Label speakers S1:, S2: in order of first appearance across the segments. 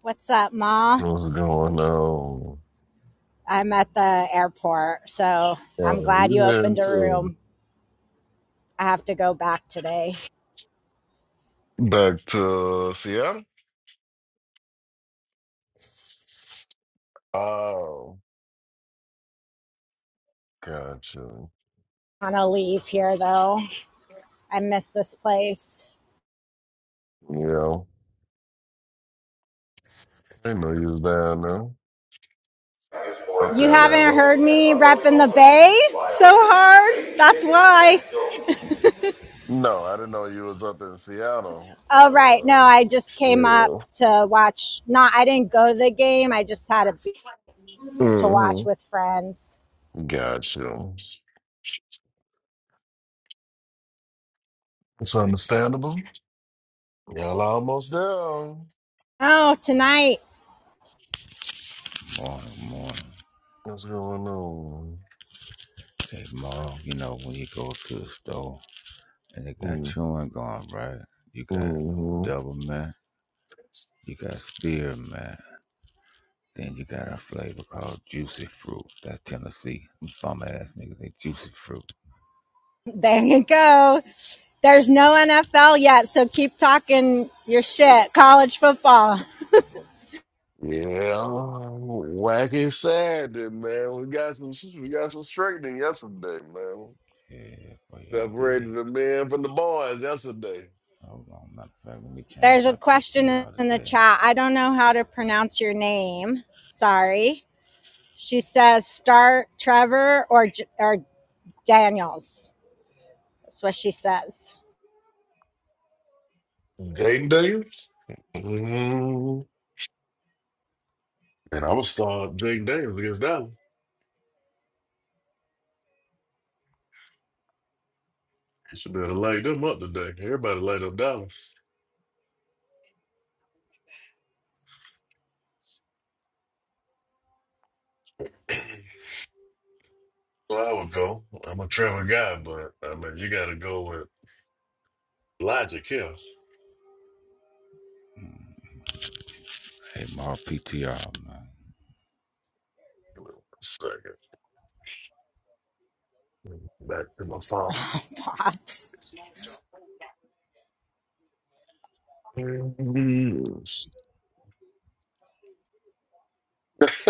S1: What's up, Ma?
S2: What's going on? Oh,
S1: I'm at the airport, so I'm glad you
S2: you heading
S1: opened a
S2: to
S1: room. I have to go back today.
S2: back to Seattle? Oh, gotcha.
S1: I'm gonna leave here though. I miss this place.
S2: Yeah, I didn't know you was down there. Up
S1: You
S2: there,
S1: haven't
S2: rather.
S1: heard me repping the bay so hard? That's why.
S2: No, I didn't know you was up in
S1: Oh, right. No,
S2: Seattle.
S1: I just
S2: Uh,
S1: came up
S2: yeah.
S1: to watch. Not, I didn't go to the game. I just had a beat to watch
S2: Mm-hmm.
S1: with friends.
S2: Gotcha. It's understandable. Y'all almost there.
S1: Oh, tonight
S3: Morning, morning.
S2: What's going on?
S3: Hey, Mom, you know, when you go to the store and they got chewing gum, right? You got
S2: Mm-hmm.
S3: double man, you got spearmint, then you got a flavor called juicy fruit. That Tennessee bum ass nigga, they juicy fruit.
S1: There you go. There's no NFL yet, so keep talking your shit. College football.
S2: Yeah, wacky Saturday, man. We got some we got some straightening yesterday, man.
S3: Yeah, boy, y'all did.
S2: Separated the men from the boys yesterday.
S3: Hold on, matter of fact, let me change
S1: There's a
S3: my
S1: question
S3: PTR
S1: in the
S3: today.
S1: chat. I don't know how to pronounce your name. Sorry. She says start Trevor or or Daniels. That's what she says.
S2: Jaden Daniels? mm And I was start Jaden Daniels against Dallas. You should better light them up today. Everybody light up Dallas. so I would go. I'm a Trevor guy, but I mean you gotta go with logic here.
S3: Hey, Mar PTR, man.
S2: Give me one second. Back to my phone.
S1: Oh, Pops.
S2: Mm-hmm. What's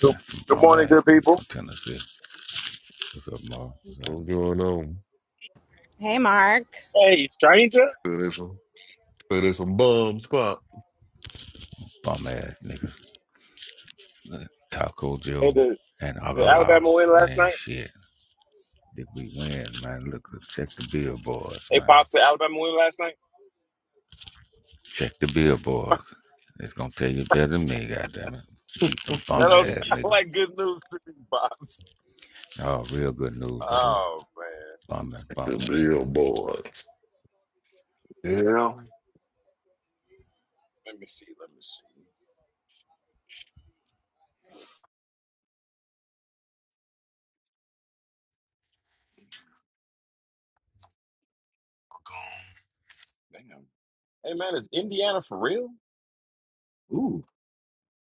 S4: Good
S3: That's
S4: good
S3: some bum
S4: morning, good
S3: ass niggas
S4: people.
S3: from Tennessee. What's up, Mar? What's up?
S2: going on?
S1: Hey Mark.
S4: Hey, stranger.
S2: Say there's some, say there's some bums pop.
S3: Bum ass niggas? Taco
S4: Hey,
S3: Joe
S4: the,
S3: and
S4: the Alabama
S3: Agala.
S4: win
S3: They
S4: last
S3: ain't
S4: night.
S3: shit. Did we win, man? Look, check the billboards,
S4: Hey,
S3: man.
S4: Pops, the Alabama win last night.
S3: Check the billboards. It's gonna tell you better than me, goddamn it. Keep them
S4: That
S3: bum
S4: don't
S3: ass
S4: sound
S3: nigga.
S4: like good news to me, Pops.
S3: Oh, real good news, baby.
S4: Oh, man.
S3: Bum ass, bum
S2: The
S3: ass nigga.
S2: billboards. Yeah.
S4: Let me see. Let me see. Damn. Hey, man, is Indiana for real? Ooh,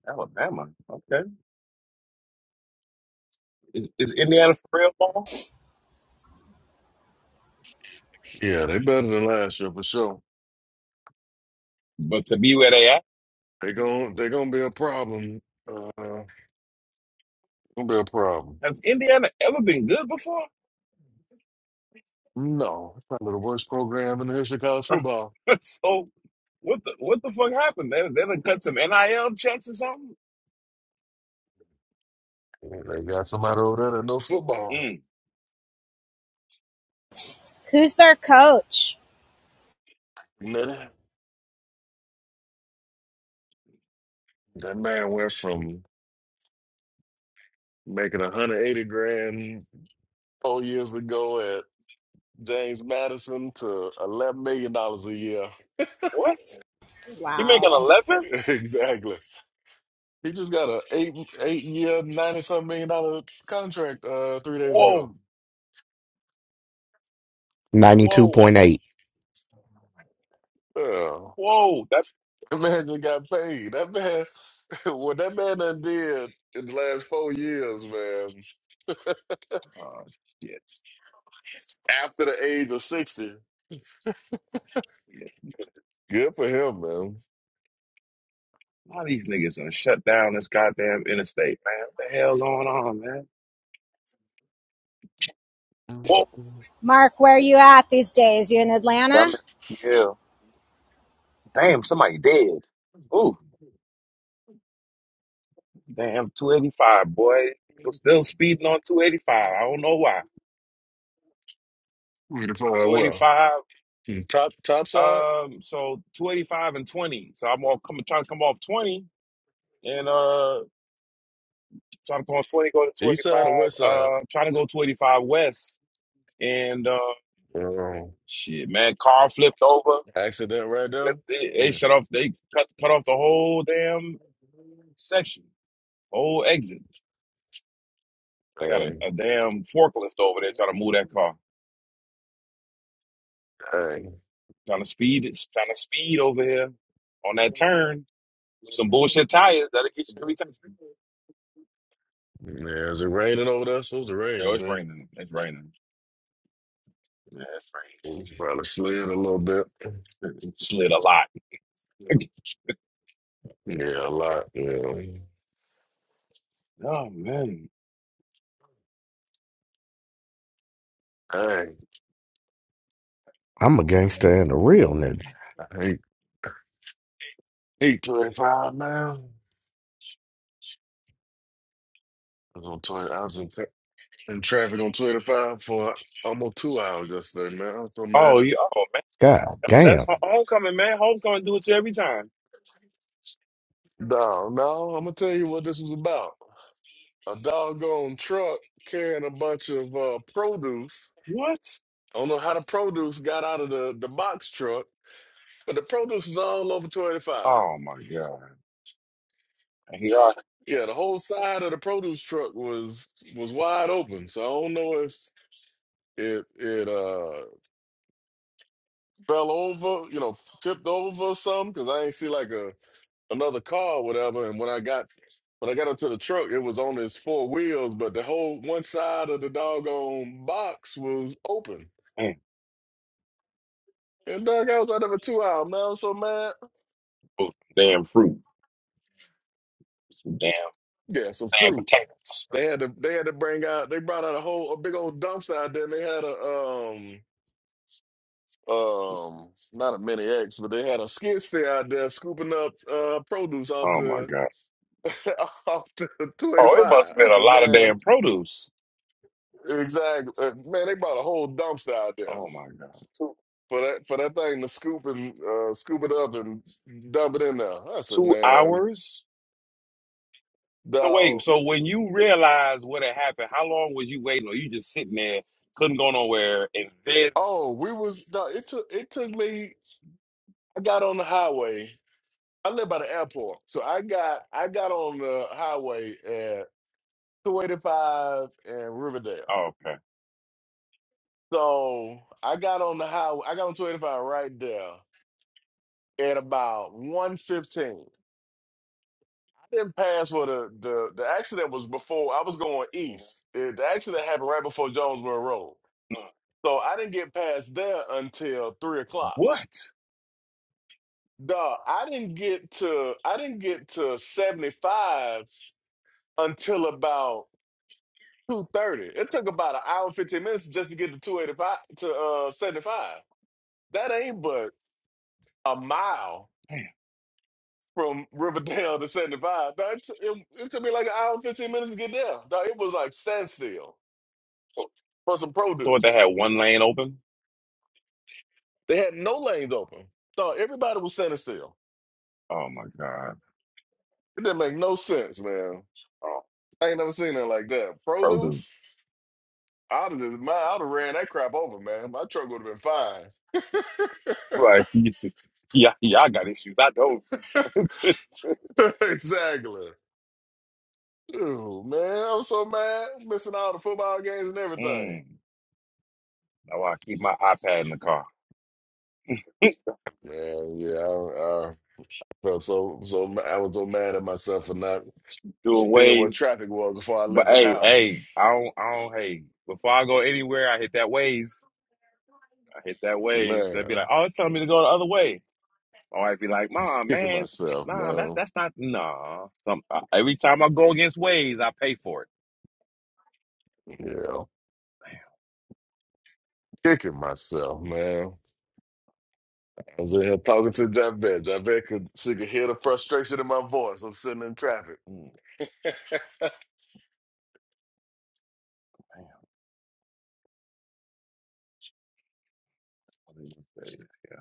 S4: Alabama. Okay. Is, is Indiana for real, Paul?
S2: Yeah, they better than last year for sure.
S4: But to be where they at?
S2: They gon' they gonna be a problem. Uh, gonna be a problem.
S4: Has Indiana ever been good before?
S2: No, it's probably the worst program in the history of college football.
S4: so, what the what the fuck happened? They, they done cut some NIL checks or something?
S2: And They got somebody over there that knows football.
S4: Mm,
S1: Who's their coach?
S2: You That That man went from making 180 grand four years ago James Madison to eleven million dollars a year.
S4: what? He making
S1: Wow.
S4: eleven?
S2: exactly. He just got a eight eight year ninety something million dollar contract uh three days
S4: Whoa,
S2: ago.
S4: whoa,
S5: 92.8.
S2: Oh,
S4: whoa! That's
S2: that man just got paid. That man what that man done did in the last four years, man,
S4: oh shit.
S2: after the age of sixty.
S4: Yeah.
S2: Good for him, man.
S4: A lot of these niggas done shut down this goddamn interstate, man. What the hell going on, man? Whoa,
S1: Mark, where are you at these days? You in
S4: I'm
S1: Atlanta?
S4: in ATL. Damn, somebody dead. Ooh, damn, two eighty five, boy. People still speeding on two eighty five. I don't know why.
S2: Who you find
S4: Two eighty
S2: well.
S4: five.
S2: Top top side,
S4: Um, so two eighty five and twenty. So I'm all coming trying to come off twenty and uh trying to come off twenty, go to two
S2: east
S4: eighty
S2: side or
S4: five.
S2: west side?
S4: Uh, trying to go two eighty five west. and uh,
S2: Mm.
S4: shit, man, car flipped over.
S2: Accident right there.
S4: Flipped, they, they
S2: Mm.
S4: shut off. They cut cut off the whole damn section, whole exit. They got a,
S2: Dang.
S4: a damn forklift over there trying to move that car,
S2: Dang.
S4: trying to speed it, trying to speed over here on that turn. Some bullshit tires that'll get you every time.
S2: Yeah, is it raining over there? supposed to rain
S4: Yo, it's
S2: today.
S4: raining. It's raining. Yeah, it's
S2: It's probably slid a little bit.
S4: raining. It slid a lot.
S2: Yeah, a lot. Yeah.
S4: oh man.
S2: Dang.
S5: I'm a gangster and a real nigga.
S2: I hate, now. I was, on 20, I was in, tra- in traffic on 25 for almost two hours yesterday, man. I'm so
S4: Oh,
S2: mad.
S4: yeah. oh man.
S5: God damn.
S4: That's ho- homecoming, man. Homecoming do it to you every time.
S2: No, no, I'm gonna tell you what this was about. A doggone truck carrying a bunch of uh, produce.
S4: What?
S2: I don't know how the produce got out of the, the box truck, but the produce was all over 25.
S4: Oh my god.
S2: Yeah, the whole side of the produce truck was was wide open. So I don't know if it it uh fell over, you know, tipped over or something, because I ain't see like a another car, or whatever. And when I got when I got up to the truck, it was on its four wheels, but the whole one side of the doggone box was open.
S4: Man,
S2: And dog, I was out of a two hour man. I was so mad.
S4: those damn fruit, some damn,
S2: Yeah, some
S4: damn
S2: fruit.
S4: potatoes.
S2: They had to they had to bring out they brought out a whole a big old dumpster out there and they had a um um not a mini X, but they had a skid steer out there scooping up uh produce off
S4: Oh my
S2: the
S4: god.
S2: off the two eighty
S4: Oh, it
S2: five.
S4: must have
S2: I
S4: been a
S2: said,
S4: lot of
S2: man,
S4: damn produce.
S2: exactly uh, man, they brought a whole dumpster out there.
S4: Oh my god. Two
S2: for that for that thing to scoop and uh, scoop it up and dump it in there. I said,
S4: two
S2: man,
S4: hours. So wait,
S2: dog.
S4: so when you realized what had happened, how long was you waiting, or you just sitting there, couldn't go nowhere, and then
S2: Oh, we was dog, it took it took me. I got on the highway. I live by the airport, so I got I got on the highway at 285 and Riverdale.
S4: oh, okay,
S2: So I got on the highway. I got on 285 right there at about 115. didn't pass where the, the the accident was before I was going east. It- the accident happened right before Jonesboro Road, so I didn't get past there until three o'clock.
S4: what?
S2: Duh, I didn't get to I didn't get to seventy five until about two thirty. It took about an hour and fifteen minutes just to get to two eighty five to uh seventy five. That ain't but a mile
S4: Damn.
S2: from Riverdale to seventy five. It, t- it it took me like an hour and fifteen minutes to get there. Duh, it was like standstill for some
S4: So
S2: produce.
S4: they had one lane open.
S2: They had no lanes open. So everybody was standing still.
S4: Oh my god.
S2: It didn't make no sense, man.
S4: Oh,
S2: I ain't never seen nothing like that.
S4: produce.
S2: Produce? I'd have just, my, I'd have ran that crap over, man. My truck would have been fine.
S4: Right. Yeah, y'all got issues. I don't.
S2: exactly. Dude, man, I'm so mad. Missing all the football games and everything.
S4: mm. That's I keep my iPad in the car.
S2: Man, yeah, I, I felt so so. ma- I was so mad at myself for not
S4: Doing
S2: seeing what
S4: ways.
S2: traffic was before I left
S4: But
S2: the
S4: hey,
S2: house.
S4: hey, I don't I don't hey. Before I go anywhere, I hit that ways. I hit that ways.
S2: Man,
S4: They'd be
S2: I
S4: like, Oh, it's telling me to go the other way. My wife be like,
S2: was
S4: Mom,
S2: kicking
S4: man,
S2: myself,
S4: nah, that's
S2: man.
S4: that's not nah. Some, I, every time I go against ways, I pay for it.
S2: Yeah. kicking myself, man. I was in here talking to that bitch. I bet could she could hear the frustration in my voice. I'm sitting in traffic.
S4: Damn, mm, damn. What did you say? Yeah.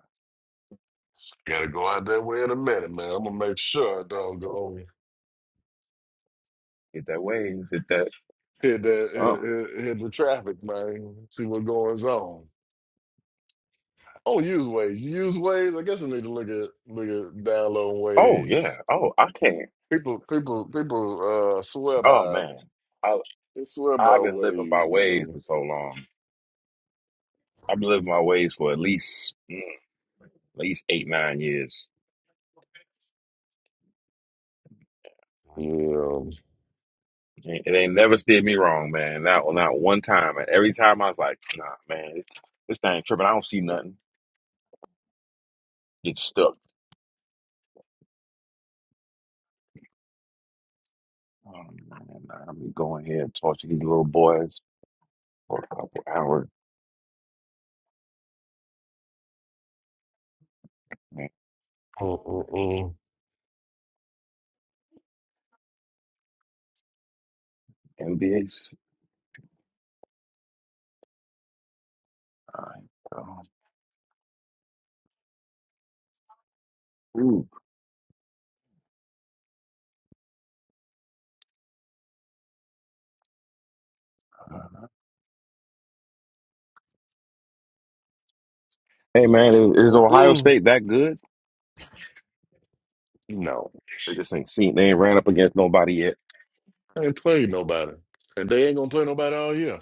S2: Gotta go out that way in a minute, man. I'm gonna make sure I don't go
S4: Hit that waves, hit that
S2: hit that
S4: something.
S2: hit, hit, hit the traffic, man. See what goes on. Oh, use ways. You use ways. I guess I need to look at look at download
S4: Oh yeah.
S2: ways.
S4: Oh, I can't.
S2: People people people uh swear
S4: Oh
S2: by it.
S4: man.
S2: They swear by
S4: I've been living by
S2: ways,
S4: ways
S2: man.
S4: for so long. I've been living my ways for at least mm, at least eight nine years.
S2: Yeah.
S4: It it ain't never steered me wrong, man. Not not one time. And every time I was like, nah, man, this this thing tripping. I don't see nothing. Get stuck. Oh, man, I'm going here and talk to these little boys for a couple hours. Man,
S2: Mm-mm-mm.
S4: NBA's. all right, um, ooh. Hey man, is is Ohio
S2: Mm-mm.
S4: State that good?
S2: No.
S4: They just ain't seen. They ain't ran up against nobody yet.
S2: I ain't played nobody, and they ain't gonna play nobody all year.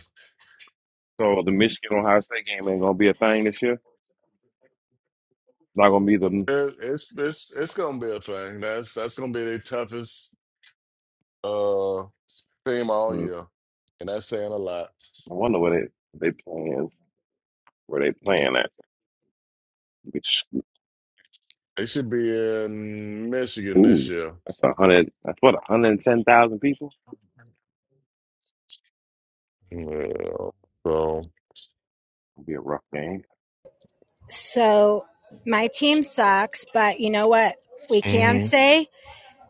S4: So the Michigan Ohio State game ain't gonna be a thing this year. not gonna be the.
S2: It- It's it's it's gonna be a thing. That's that's gonna be their toughest uh team all
S4: hmm,
S2: year, and that's saying a lot.
S4: I wonder where they they playing where they playing at. Which
S2: They should be in Michigan this
S4: ooh,
S2: year.
S4: that's a hundred. That's what a hundred and ten thousand people.
S2: Yeah. So.
S4: It'll be a rough game.
S1: So my team sucks, but you know what? We can
S2: hmm
S1: say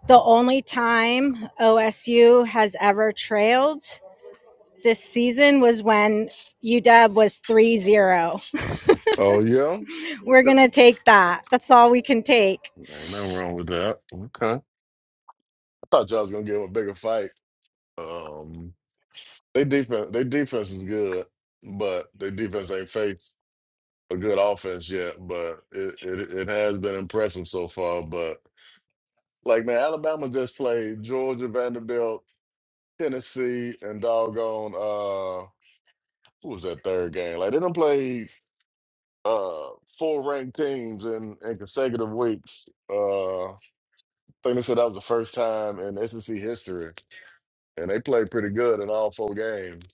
S1: the only time OSU has ever trailed this season was when UW was 30
S2: Oh yeah.
S1: We're going to
S2: Okay.
S1: take that. That's all we can take.
S2: Ain't nothing wrong with that. Okay. I thought y'all was gonna give them a bigger fight. Um, they defense, they defense is good, but their defense ain't faith. a good offense yet, but it, it it has been impressive so far. But like man, Alabama just played Georgia, Vanderbilt, Tennessee, and doggone uh who was that third game? Like they done played uh four ranked teams in, in consecutive weeks. Uh I think they said that was the first time in SEC history. And they played pretty good in all four games.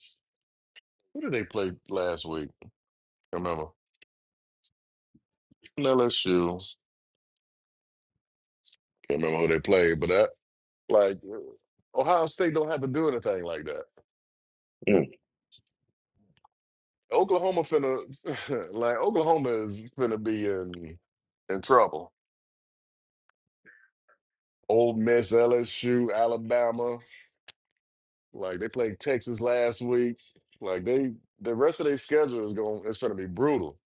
S2: Who did they play last week? Can't remember. LSU. Can't remember who they played, but that Like uh, Ohio State don't have to do anything like that.
S4: Mm.
S2: Oklahoma finna like Oklahoma is finna be in in trouble. Old Miss, LSU, Alabama, like they played Texas last week. Like they, the rest of their schedule is going, it's gonna be brutal.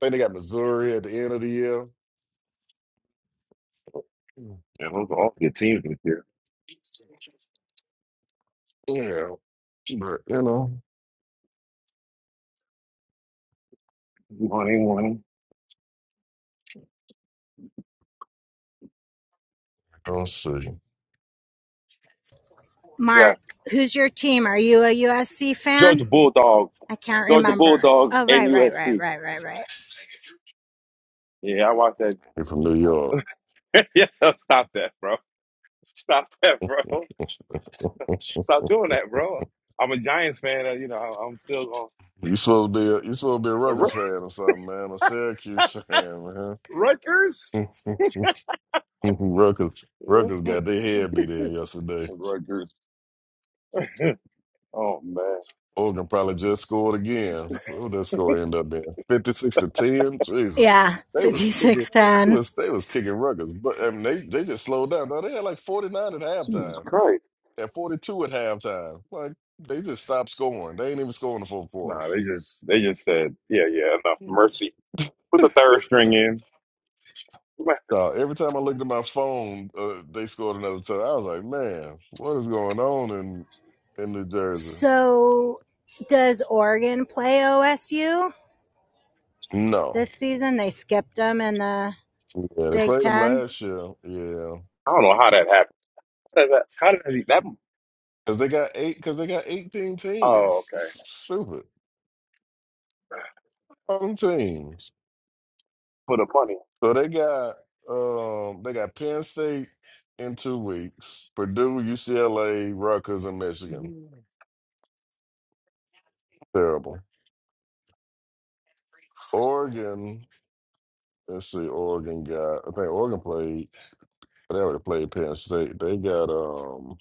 S2: I think they got Missouri at the end of the year.
S4: Yeah, those are all good teams this year.
S2: Yeah, but you know,
S4: Money, money.
S2: gonna see.
S4: Yeah,
S1: Mark, who's your team? Are you a USC
S4: Georgia
S1: fan?
S4: Bulldogs,
S1: I can't
S4: Georgia
S1: remember.
S4: Bulldogs,
S1: Oh,
S4: and
S1: right, right, right,
S4: USC.
S1: right, right, right.
S4: Yeah, I watched that.
S2: You're from New York.
S4: yeah, stop that, bro. Stop that, bro. Stop doing that, bro. I'm a Giants fan. uh, You know, I- I'm still
S2: You supposed to be a, you supposed to be a
S4: on
S2: Ruggers fan or something, man. A Syracuse fan,
S4: Rutgers.
S2: man. Ruggers Ruggers got their head beat in yesterday.
S4: Rutgers. Oh man,
S2: Oregon probably just scored again. What would that score end up being? Fifty six to ten. Jesus,
S1: Yeah,
S2: they was
S1: fifty
S2: kicking.
S1: six ten.
S2: They was they was kicking Ruggers, but I mean, they they just slowed down. Now they had like forty nine at
S4: Jesus
S2: halftime.
S4: Christ!
S2: At forty two at halftime, like they just stopped scoring. They ain't even scoring the fourth quarter.
S4: Nah, they just they just said, yeah, yeah, enough mercy. Put the third string in. Man,
S2: So every time I looked at my phone, uh, they scored another touchdown. I was like, man, what is going on in in New Jersey?
S1: So does Oregon play OSU?
S2: No,
S1: This season they skipped them in the
S2: yeah, they
S1: Big
S2: played them
S1: Ten
S2: last year. Yeah,
S4: I don't know how that happened. How did that? How did that? that
S2: because they got eight. Because they got eighteen teams.
S4: oh, okay.
S2: It's stupid. All them teams.
S4: For the money,
S2: So they got um they got Penn State in two weeks, Purdue, UCLA, Rutgers, and Michigan. Terrible. Oregon. Let's see. Oregon got. I think Oregon played. They already played Penn State. They got um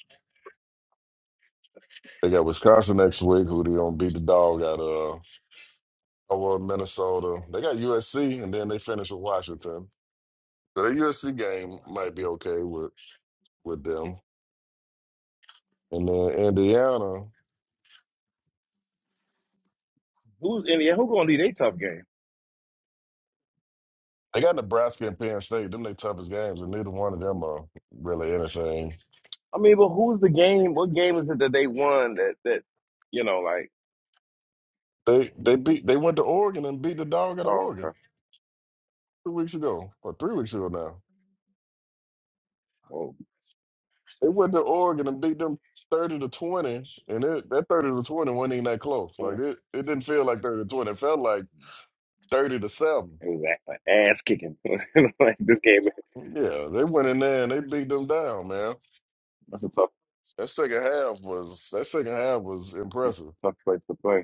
S2: they got Wisconsin next week, who they gonna beat the dog out of oh well Minnesota. They got USC and then they finish with Washington. So the USC game might be okay with with them. And then Indiana,
S4: who's Indiana? Who gonna lead a tough game?
S2: they got Nebraska and Penn State. Them they toughest games, and neither one of them are really anything.
S4: I mean, but who's the game? What game is it that they won? That that you know, like,
S2: They they beat they went to Oregon and beat the dog out of
S4: oh,
S2: Oregon
S4: okay,
S2: two weeks ago or three weeks ago now.
S4: well,
S2: They went to Oregon and beat them thirty to twenty, and it, that thirty to twenty wasn't even that close. Like
S4: mm,
S2: it, it didn't feel like thirty to twenty. It felt like thirty to seven.
S4: it was a- an ass kicking. like this game,
S2: Yeah, they went in there and they beat them down, man.
S4: that's a tough
S2: That second half was that second half was impressive.
S4: tough place to play.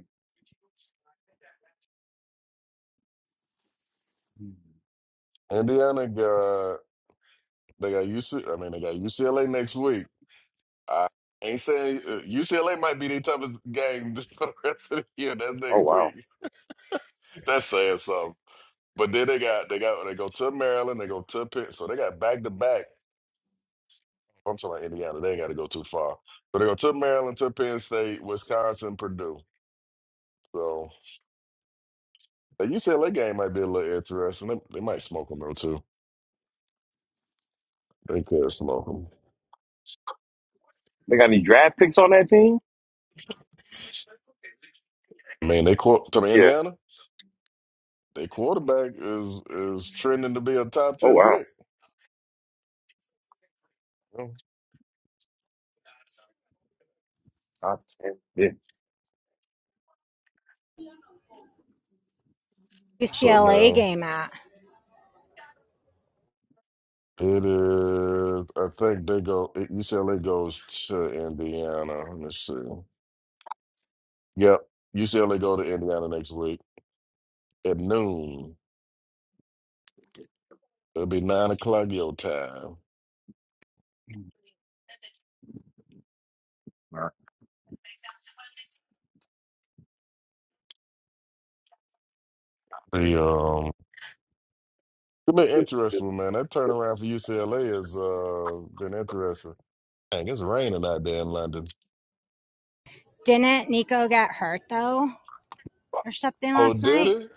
S2: Indiana got they got U C. I mean, they got UCLA next week. I ain't saying uh, UCLA might be the toughest game for the rest of the year. That's
S4: Oh
S2: next week.
S4: wow,
S2: That's saying something. But then they got they got they go to Maryland, they go to Pitt, so they got back to back I'm talking about Indiana. They ain't got to go too far. So they go to Maryland, to Penn State, Wisconsin, Purdue. So the UCLA game might be a little interesting. They, they might smoke them though too. They could smoke them.
S4: they got any draft picks on that team?
S2: I mean, they quar- to the
S4: Yeah.
S2: Indiana. Their quarterback is is trending to be a top
S4: Oh
S2: ten
S4: wow.
S2: pick. Oh,
S4: Five, ten,
S2: So
S1: UCLA
S2: man,
S1: game at.
S2: it is. I think they go. UCLA goes to Indiana. Let me see. Yep, UCLA go to Indiana next week at noon. It'll be nine o'clock your time.
S4: fifteen. All right.
S2: The um, it's been
S4: Good, good,
S2: interesting, man. That
S4: good.
S2: turnaround for UCLA has uh been interesting. Dang, it's raining out there in London.
S1: Didn't Nico get hurt though or something
S2: Oh,
S1: last
S2: did
S1: night?
S2: it?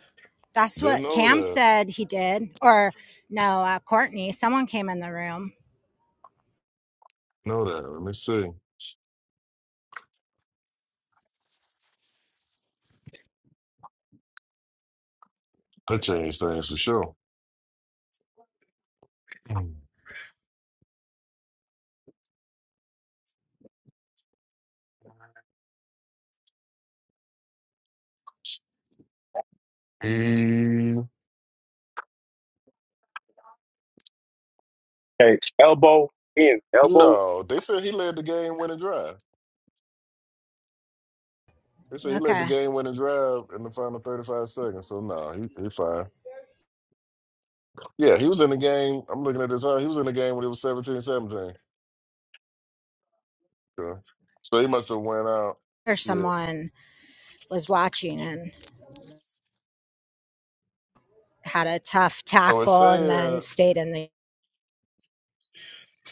S1: That's
S2: Didn't
S1: what
S2: know
S1: Cam
S2: that.
S1: said he did. Or no, uh, Courtney, someone came in the room.
S2: Know that. Let me see. That changed things for sure. He
S4: Okay, elbow in, elbow
S2: no, they said he led the game winning drive. They said he led the
S1: Okay.
S2: game winning drive in the final thirty five seconds. So no, he he fine. Yeah, he was in the game. I'm looking at this. huh? He was in the game when it was seventeen seventeen. 17 So so he must have went out.
S1: Or
S2: Yeah.
S1: someone was watching and had a tough
S2: So it
S1: tackle and
S2: said.
S1: then stayed in the.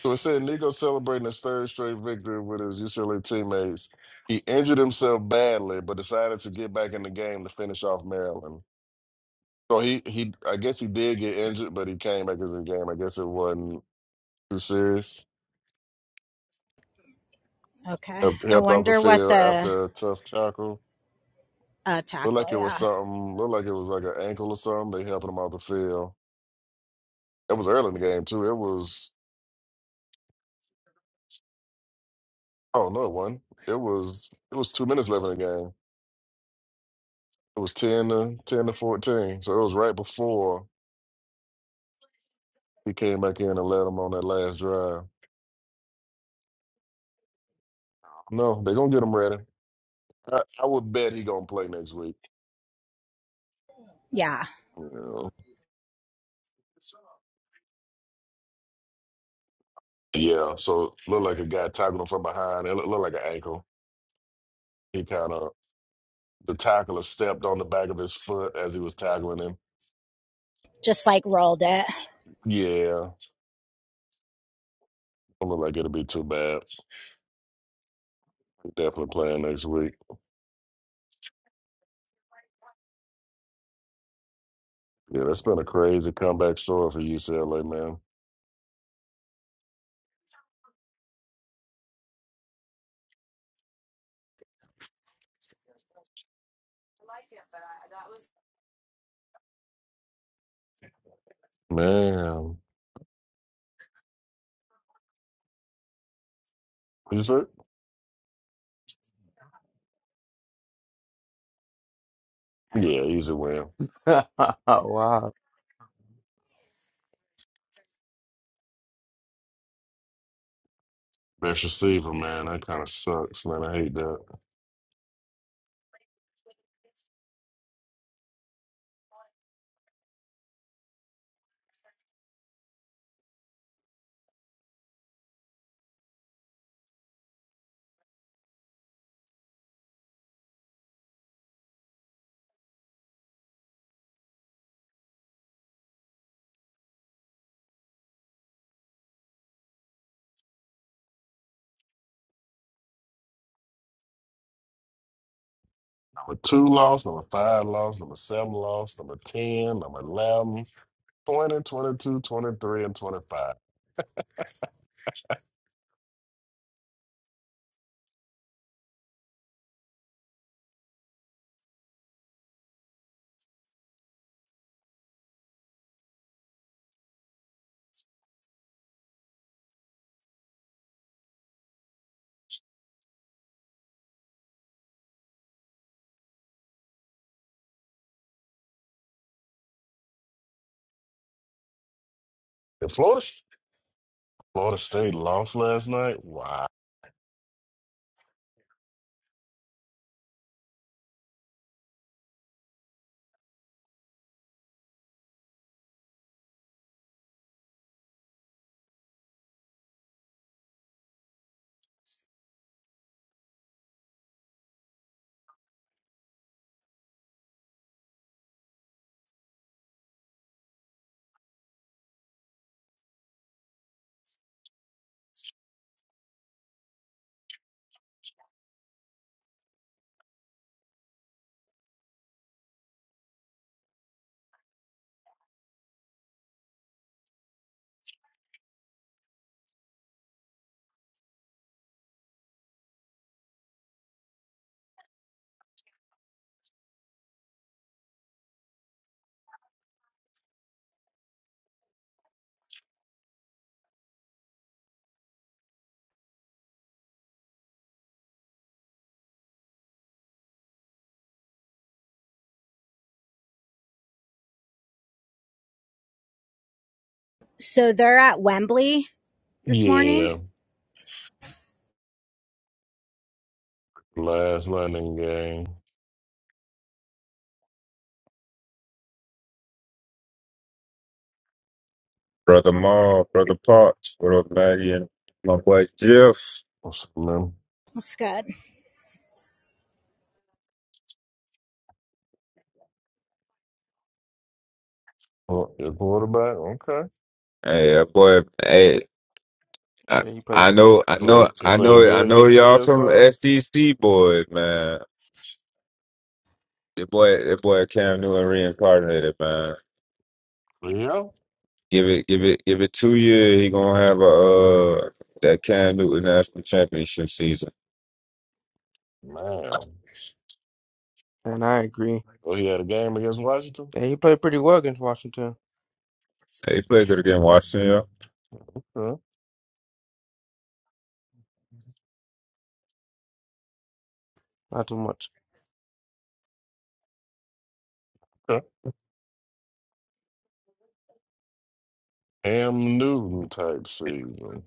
S2: So it said Nico celebrating his third straight victory with his UCLA teammates. He injured himself badly, but decided to get back in the game to finish off Maryland. So he, he I guess he did get injured, but he came back as in the game. I guess it wasn't too serious.
S1: Okay.
S2: Helped,
S1: I
S2: helped off the
S1: wonder what
S2: field
S1: the
S2: after a tough tackle.
S1: A
S2: Looked
S1: tackle,
S2: like it was
S1: yeah.
S2: something. Looked like it was like an ankle or something. They helping him off the field. It was early in the game too. It was oh no, it wasn't. It was it was two minutes left in the game. It was ten to ten to fourteen. So it was right before He came back in and led them on that last drive. No, they're gonna get him ready. I, I would bet he gonna play next week.
S1: Yeah.
S2: You know. Yeah, so look like a guy tackled him from behind. It looked look like an ankle. He kind of the tackler stepped on the back of his foot as he was tackling him.
S1: Just like rolled it.
S2: Yeah, don't look like it'll be too bad. Definitely playing next week. Yeah, that's been a crazy comeback story for UCLA, man. Man, you say? Yeah, easy win.
S6: wow.
S2: Best receiver, man. That kind of sucks, man. I hate that. Number two lost, number five lost, number seven lost, number 10, number 11, 20, twenty-two, twenty-three, and 25. And Florida, Florida State lost last night? Wow.
S1: So they're at Wembley this morning.
S2: Yeah, last night game.
S7: Brother Maul, Brother Parks, what up, Maggie? My boy Jeff.
S2: What's the name?
S1: That's good.
S2: Oh, your quarterback? Okay.
S7: Hey, that boy. Hey, I,
S6: Yeah, he played
S7: I
S6: well.
S7: know,
S2: He
S7: I know,
S2: played, he
S7: I
S2: played
S7: know, I
S2: good
S7: know
S2: yesterday
S7: y'all
S2: or
S7: from
S2: something?
S7: SDC boys, man. The boy, the boy Cam Newton reincarnated, man.
S2: Yeah.
S7: Give it, give it, give it two years. He gonna have a uh that Cam Newton national championship season.
S2: Man.
S6: And I agree.
S2: Oh, he had a game against Washington?
S6: Yeah, he played pretty well against Washington.
S7: Hey, he played good against
S2: Mm,
S7: Washington.
S2: Okay.
S6: Not too much.
S2: okay. Cam Newton type season.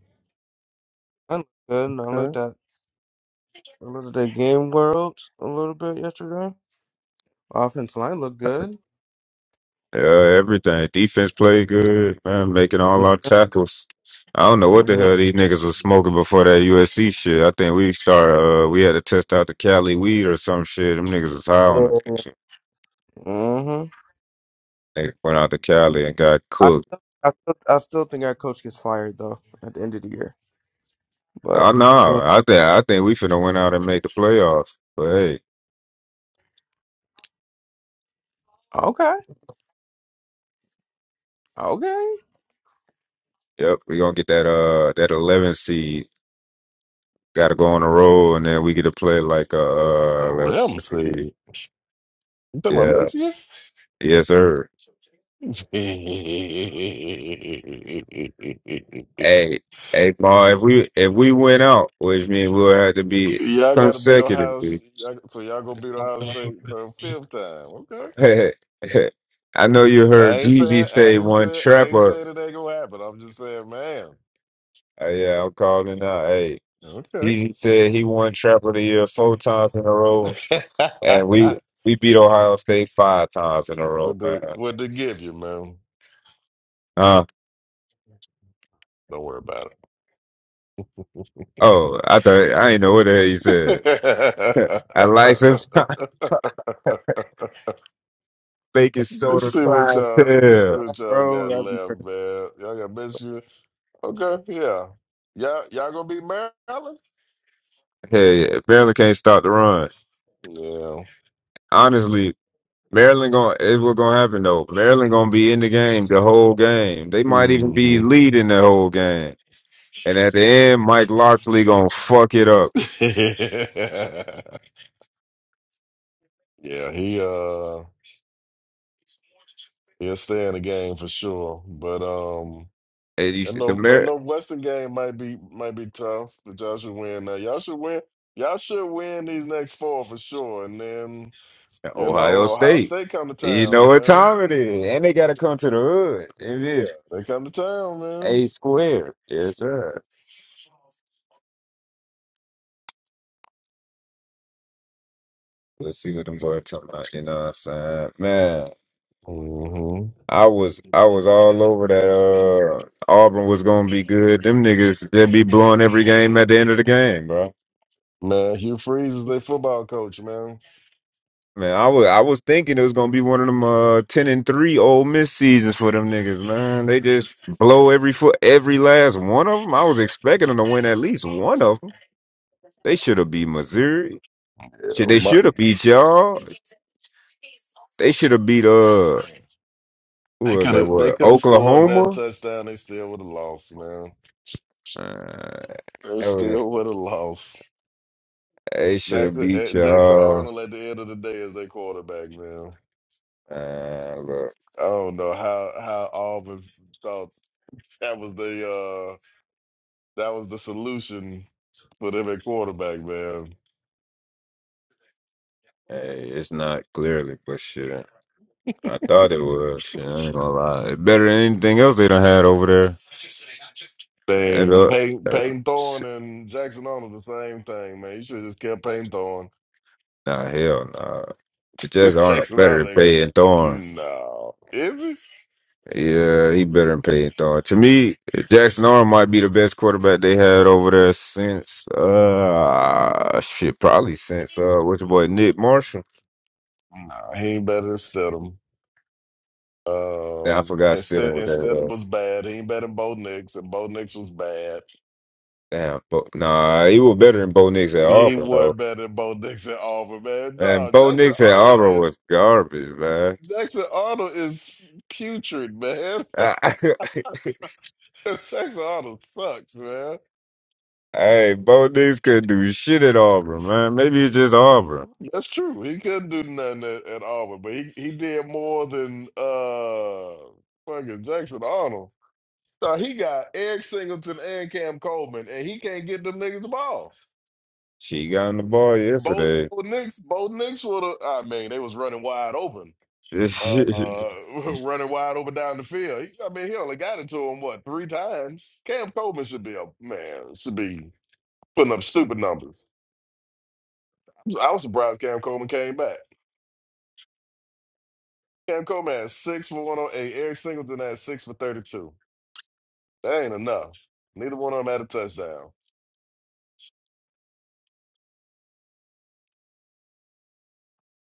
S6: I looked good. And I looked
S2: Okay.
S6: at I looked at the game world a little bit yesterday. Offense line looked good.
S7: Yeah, everything. Defense played good, man, making all
S6: Yeah.
S7: our tackles. I don't know what the
S6: Mhm.
S7: hell these niggas was smoking before that USC shit. I think we start uh we had to test out the Cali weed or some shit. Them niggas was high on the
S6: Mhm.
S7: They went out to Cali and got
S6: I
S7: cooked.
S6: still, I still, I still think our coach gets fired though at the end of the year. But
S7: I know. I think I think we finna went out and made the playoffs. But hey.
S6: okay, okay.
S7: Yep, we gonna get that uh that eleven seed. Got to go on the road, and then we get to play like uh, uh
S2: I let
S7: let's
S2: him
S7: see.
S2: see. You talking about
S7: yeah
S2: Michigan?
S7: yes sir. Hey hey Paul, if we if we win out, which means we'll have to be
S2: y'all got to beat Ohio. S-
S7: consecutively.
S2: Y'all, so y'all gonna beat Ohio State for the fifth time? Okay.
S7: I know you
S2: I
S7: heard
S2: ain't saying.
S7: Jeezy
S2: I
S7: say
S2: ain't
S7: one
S2: saying. I ain't
S7: trapper.
S2: saying it ain't gonna happen. I'm just saying, man.
S7: Uh, yeah, I'm calling out. Hey,
S2: Okay.
S7: Jeezy said he won trapper of the year four times in a row, and we we beat Ohio State five times in a row,
S2: what
S7: man.
S2: they what they give you, man?
S7: Huh?
S2: Don't worry about
S7: Oh, I thought I didn't know what the hell he said. I like sometimes
S2: it.
S7: fake
S6: F
S7: is so
S2: Let's
S6: B
S2: see what y'all. Let's see
S7: clientele.
S6: I,
S2: what y'all
S6: Bro,
S2: got
S6: that'd be crazy.
S2: left, man. Y'all got Michigan. Okay, yeah. Y'all, y'all gonna beat Maryland?
S7: Hey, Maryland can't stop the run.
S2: Yeah.
S7: Honestly, Maryland going is what gonna happen though. Maryland gonna be in the game the whole game. They might even be
S2: hmm
S7: leading the whole game. And at the end, Mike Loxley gonna fuck it up.
S2: yeah, he uh he'll stay in the game for sure. But um
S7: And you
S2: that
S7: see the
S2: no that
S7: Mar-
S2: Northwestern game might be might be tough, but y'all should win now. Y'all should win y'all should win these next four for sure. And then, you know,
S7: Ohio
S2: Ohio
S7: State.
S2: State come to
S7: You
S2: town,
S7: know what
S2: man.
S7: time it is. And they gotta come to the hood. It
S2: Yeah,
S7: is
S2: they come to town, man.
S7: A square. Yes, sir. Let's see what them boys talking about. You know what I'm saying? Man,
S2: hmm
S7: I was I was all over that uh Auburn was gonna be good. Them niggas they be blowing every game at the end of the game, bro.
S2: Man, Hugh Freeze is their football coach, man.
S7: Man, I was I was thinking it was gonna be one of them uh ten and three Ole miss seasons for them niggas, man. They just blow every foot every last one of them. I was expecting them to win at least one of them. They should have beat Missouri.
S2: Yeah,
S7: Shit, they
S2: my-
S7: should have beat y'all. They should have beat uh who
S2: they
S7: was
S2: could
S7: that?
S2: have they
S7: What
S2: could have scored that
S7: Oklahoma?
S2: touchdown. They still would have lost, man.
S7: Uh,
S2: They
S7: I would
S2: still would have lost.
S7: it should
S2: Jackson
S7: beat
S2: eh, Jackson
S7: y'all.
S2: Arnold at the end of the day is their quarterback, man.
S7: Uh, look,
S2: I don't know how how Auburn thought that was the uh that was the solution for them at quarterback, man.
S7: hey, it's not clearly, but shit, I thought it was. Shit, I ain't gonna lie. It better than anything else they done had over there. As
S2: thing.
S7: a, uh,
S2: Peyton, Peyton Thorne
S7: shit,
S2: and Jackson Arnold the same thing, man. You should have just kept Peyton Thorne.
S7: nah, hell nah. The Jets aren't
S2: Jackson
S7: better than
S2: Arnold, like,
S7: Peyton Thorne.
S2: no, is he?
S7: Yeah, he better than Peyton Thorne. To me, Jackson Arm might be the best quarterback they had over there since, uh, shit, probably since, uh, what's your boy, Nick Marshall?
S2: Nah, he ain't better than Stidham.
S7: Yeah, I
S2: Um,
S7: forgot
S2: instead,
S7: Stidham was there, though.
S2: Stidham was bad. He ain't better than Bo Nix, and Bo Nix was bad.
S7: Damn, but nah, he was better than Bo Nix at
S2: He
S7: Auburn
S2: was
S7: though.
S2: better than Bo Nix and Auburn, man.
S7: And
S2: No,
S7: Bo
S2: Jackson
S7: Nix at
S2: Arnold
S7: Auburn
S2: is
S7: was garbage, man.
S2: Jackson Arnold is putrid, man.
S7: I-
S2: Jackson Arnold sucks, man.
S7: hey, Bo Nix couldn't do shit at Auburn, man. Maybe it's just Auburn.
S2: That's true. He couldn't do nothing at, at Auburn, but he, he did more than uh fucking Jackson Arnold. Now he got Eric Singleton and Cam Coleman, and he can't get them niggas the ball.
S7: She got on the ball
S2: Both
S7: yesterday.
S2: both Knicks, both Knicks would have. I mean, they was running wide open,
S7: man,
S2: uh, uh running wide open down the field. He, I mean, he only got it to him what three times. Cam Coleman should be a man, should be putting up stupid numbers. I was surprised Cam Coleman came back. Cam Coleman had six for 108. Eric Singleton had six for 32. That ain't enough. Neither one of them had a touchdown.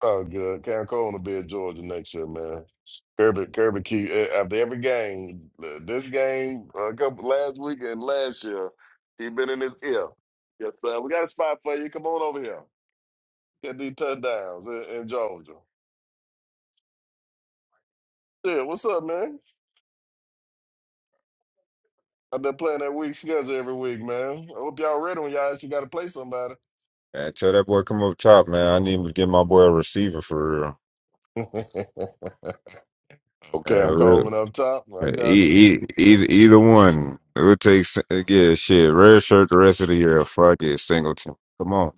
S2: Oh, good. Cam Coleman will be at Georgia next year, man. Kirby, Kirby Key, eh, after every game, eh, this game, a couple last week and last year, he been in his ear. Yes, sir. We got a spot for you. Come on over here. Get these touchdowns in, in Georgia. Yeah, what's up, man? I've been playing that week schedule every week, man. I hope y'all ready when y'all actually got to play somebody.
S7: tell that boy come up top, man. I need him to get my boy a receiver for real. Yeah,
S2: Okay, I'm
S7: real.
S2: Coleman up top. I got you.
S7: E- e- either, either one. It would take s- yeah, shit. Red shirt the rest of the year. Fuck it, Singleton. Come on,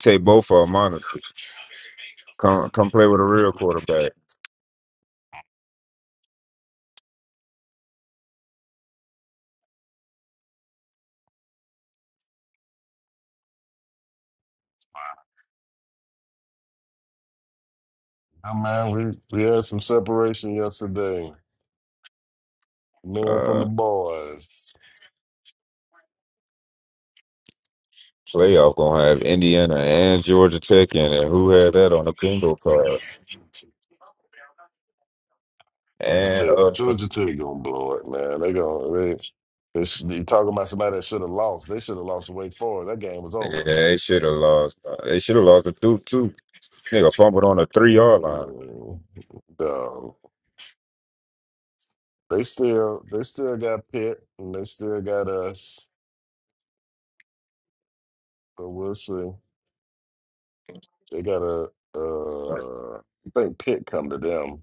S7: take both of them monitors. Come come play with a real quarterback.
S2: Oh, man, we, we had some separation yesterday. Man from the
S7: Uh,
S2: boys.
S7: playoff gonna have Indiana and Georgia Tech in it. Who had that on the bingo card?
S2: Georgia
S7: And
S2: Tech.
S7: uh,
S2: Georgia Tech gonna blow it, man. They gonna they, they sh- you talking about somebody that should have lost. They should have lost to Wake Forest. That game was
S7: yeah,
S2: over.
S7: they should have lost. Uh, They should have lost the two two. Nigga fumbled on the three yard line.
S2: Mm, Dog. They still they still got Pitt and they still got us, but we'll see. They got a
S7: That's
S2: uh I think Pitt come to them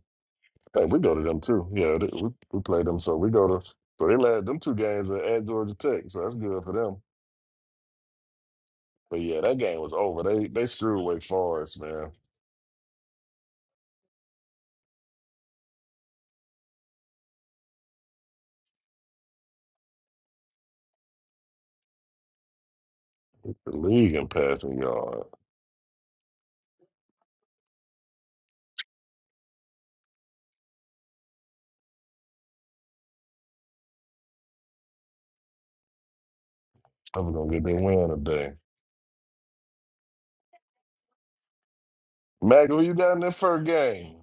S2: Hey, we go to them too. Yeah, they, we, we play them. So we go to so they led them two games at, at Georgia Tech. So that's good for them. But yeah, that game was over. They they threw Wake Forest, man. The league in passing yard. I'm gonna get their win today. Mac, who you got in that first game?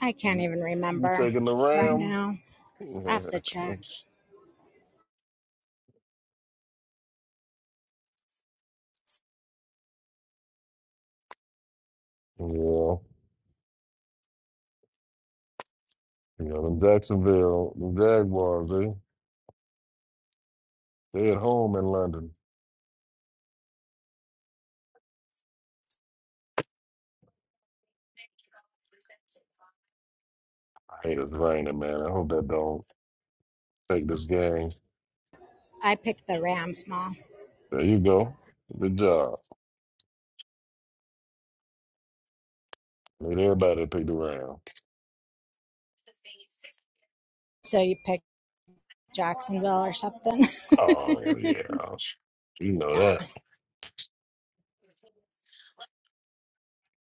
S1: I can't
S2: You,
S1: even
S2: you
S1: remember
S2: taking the
S1: right
S2: Ram?
S1: now. I have
S2: yeah,
S1: to check.
S2: you know them Jacksonville, the Jaguars. They they at home in London. I hate it's raining, man. I hope that don't take this game.
S1: I picked the Rams mall.
S2: There you go. Good job. Look everybody picked around.
S1: So you picked Jacksonville or something.
S2: Oh yeah, you know
S1: yeah.
S2: that.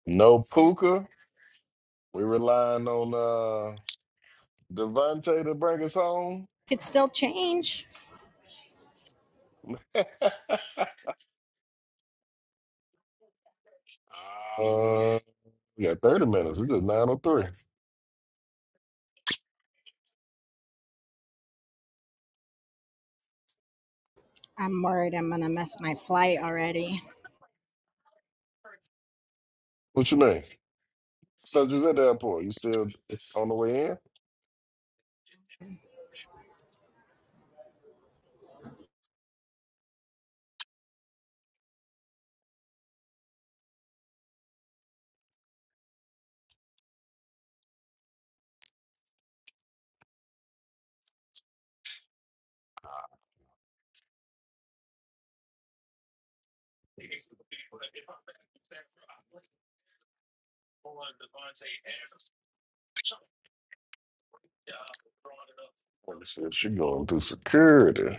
S2: No Puka. We relying on uh Devontae to bring us home.
S1: Could still change.
S2: Uh, we got thirty minutes. We just nine oh three.
S1: I'm worried I'm going to miss my flight already.
S2: What's your name? So you was at the airport. You still on the way in? Let me see if She going through security.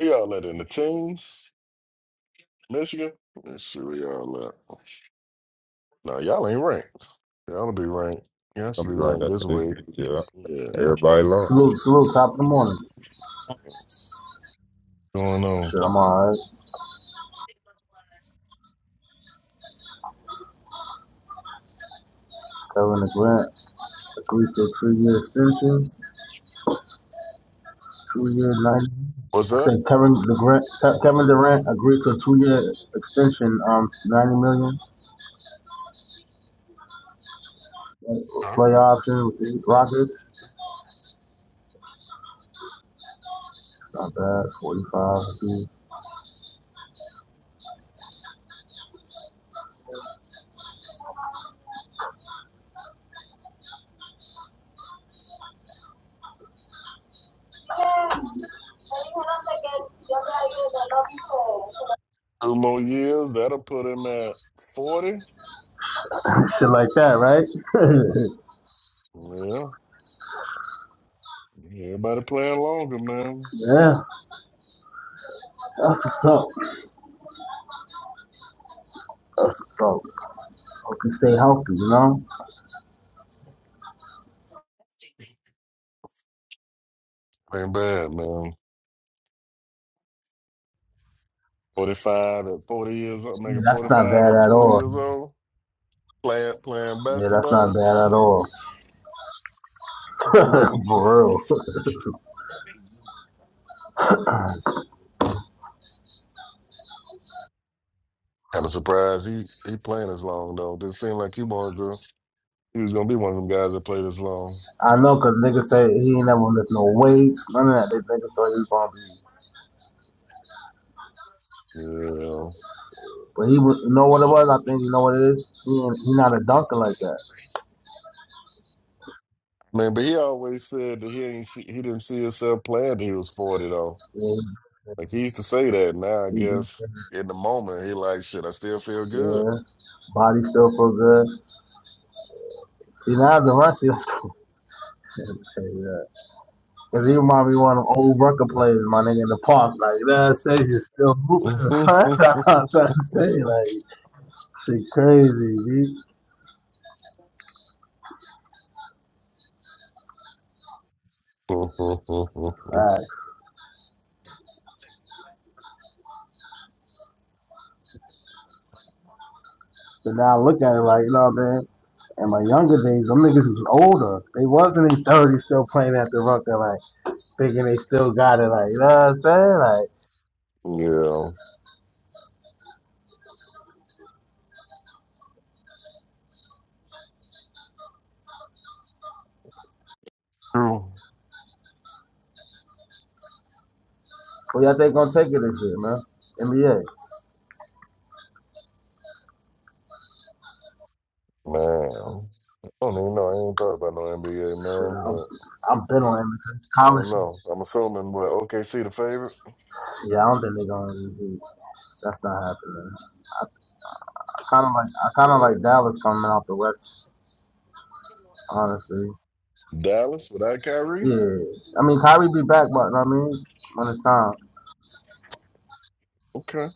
S2: We all let in the teams. Michigan. Let's see where y'all at. No, y'all ain't ranked. Y'all be ranked. Y'all should
S7: Gonna
S2: be
S7: be right
S2: ranked this
S7: after this.
S2: week.
S7: Yeah,
S2: Yeah.
S7: everybody lost.
S8: Salute, salute, top of the morning.
S2: What's going on?
S8: Shit, I'm alright. Covering the grant. Agreed to a three-year extension, two-year ninety.
S2: What's
S8: I
S2: that?
S8: said Kevin Durant, Kevin Durant agreed to a two-year extension, um, ninety million
S2: Huh?
S8: play option with the Rockets. Not bad, forty-five,
S2: Two more years, that'll put him at 40.
S8: shit like that, right?
S2: Yeah, everybody playing longer, man.
S8: yeah, that's what's up. That's what's up. Hope you stay healthy, you know.
S2: Ain't bad, man. 45 at 40 years old,
S8: Yeah,
S2: making
S8: that's not
S2: 45
S8: bad
S2: at
S8: at
S2: 40
S8: all.
S2: years old, playing playing
S8: Yeah, that's not
S2: basketball.
S8: bad at all.
S2: Shoot,
S8: For real.
S2: Kind of surprised he he playing this long though. Didn't seem like he wanted to. He was gonna be one of them guys that play this long.
S8: I know, cause niggas say he ain't never lift no weights, none of that. They niggas thought he was gonna be,
S2: Yeah,
S8: but he was. You know what it was? I think you know what it is. He ain't, he not a dunker like that.
S2: man. But he always said that he ain't see, he didn't see himself playing till he was 40 though.
S8: Yeah,
S2: Like he used to say that. Now I
S8: he, he do-
S2: guess in the moment he like, shit, I still feel good.
S8: yeah. Body still feel good. See now the run, see that's cool. yeah. Cause he remind me of one of them old record players, my nigga in the park. Like that says he's still moving. That's what I'm trying to say. Like shit crazy, dude. Facts. And now I look at it like, you know what I mean? In my younger days, them niggas was older. They wasn't in thirties still playing at the Rucker, like thinking they still got it, like you know what I'm saying? Like,
S2: yeah. True.
S8: what y'all think gonna take it this year, man? NBA.
S2: Man. I don't even know. I ain't thought about no NBA,
S8: Shit,
S2: man,
S8: I'm,
S2: but
S8: I'm been on NBA.
S2: I
S8: College.
S2: don't know. I'm assuming what OKC the favorite.
S8: Yeah, I don't think they gonna MVP. That's not happening. I, I kind of like, I kind of
S2: Yeah.
S8: like Dallas coming out the West, honestly.
S2: Dallas without Kyrie?
S8: Yeah, I mean Kyrie be back, but you know what I mean, when it's time.
S2: Okay.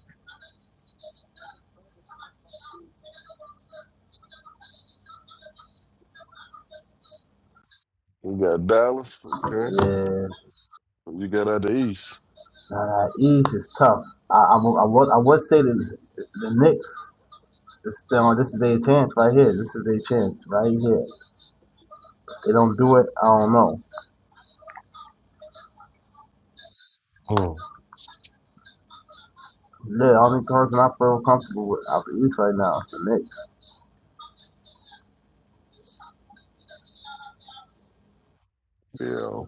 S2: We got Dallas. Okay.
S8: Yeah.
S2: You got out the East.
S8: Uh, East is tough. I, I, would- I, would, I would say the, the Knicks, this, this is their chance right here. This is their chance right here. If they don't do it, I don't know.
S2: Hmm.
S8: The only person I feel comfortable with out the East right now is the Knicks.
S2: Yeah.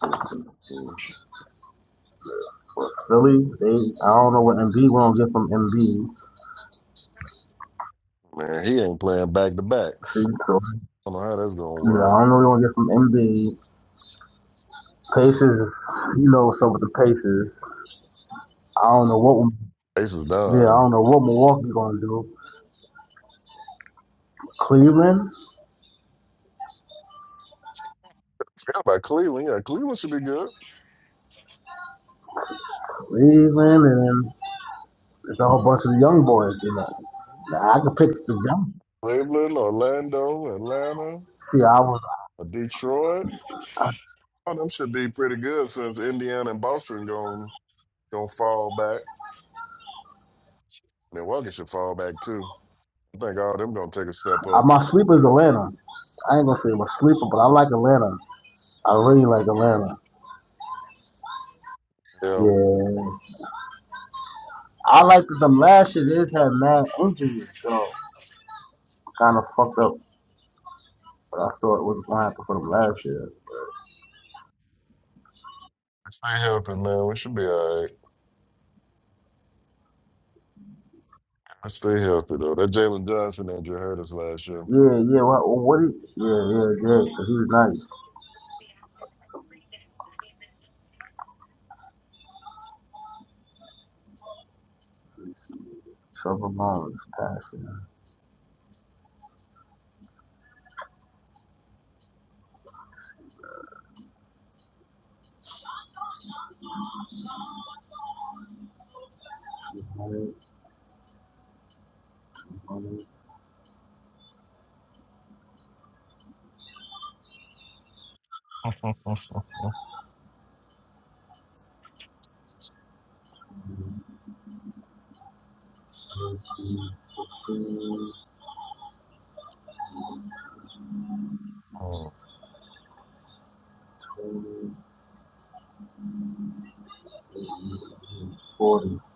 S2: Hmm. Hmm.
S8: For Philly, they, I don't know what MB we're going to get from MB.
S2: Man, he ain't playing back to
S8: See,
S2: backs.
S8: so,
S2: I don't know how that's gonna
S8: yeah,
S2: work.
S8: I don't know what we're going to get from MB. Pacers, is- you know what's up with the Pacers. I don't know what,
S2: Ace is
S8: yeah, I
S2: done.
S8: don't know what Milwaukee going to do. Cleveland,
S2: Forgot about Cleveland. Yeah, Cleveland should be good.
S8: Cleveland, and It's a whole bunch of the young boys, you know. Now, I could pick the young.
S2: Cleveland, Orlando, Atlanta,
S8: See, I was
S2: uh, Detroit. All them should be pretty good since Indiana and Boston gon' gonna fall back. Milwaukee should fall back too. I think all them gonna take a step
S8: I,
S2: up.
S8: my sleeper is Atlanta. I ain't gonna say my sleeper, but I like Atlanta. I really like Atlanta.
S2: Yeah.
S8: Yeah, I like that them last year. They just had mad injuries, so kind of fucked up. But I saw it was gonna happen for them last year.
S2: Stay healthy, man. We should be all right. Stay healthy though. That Jalen Johnson injury hurt us last year.
S8: Yeah, yeah. What? What? He, yeah, yeah. Jay, because he was nice. Let me see. Trevor Lawrence passing. 200,
S2: oh
S8: Forty-six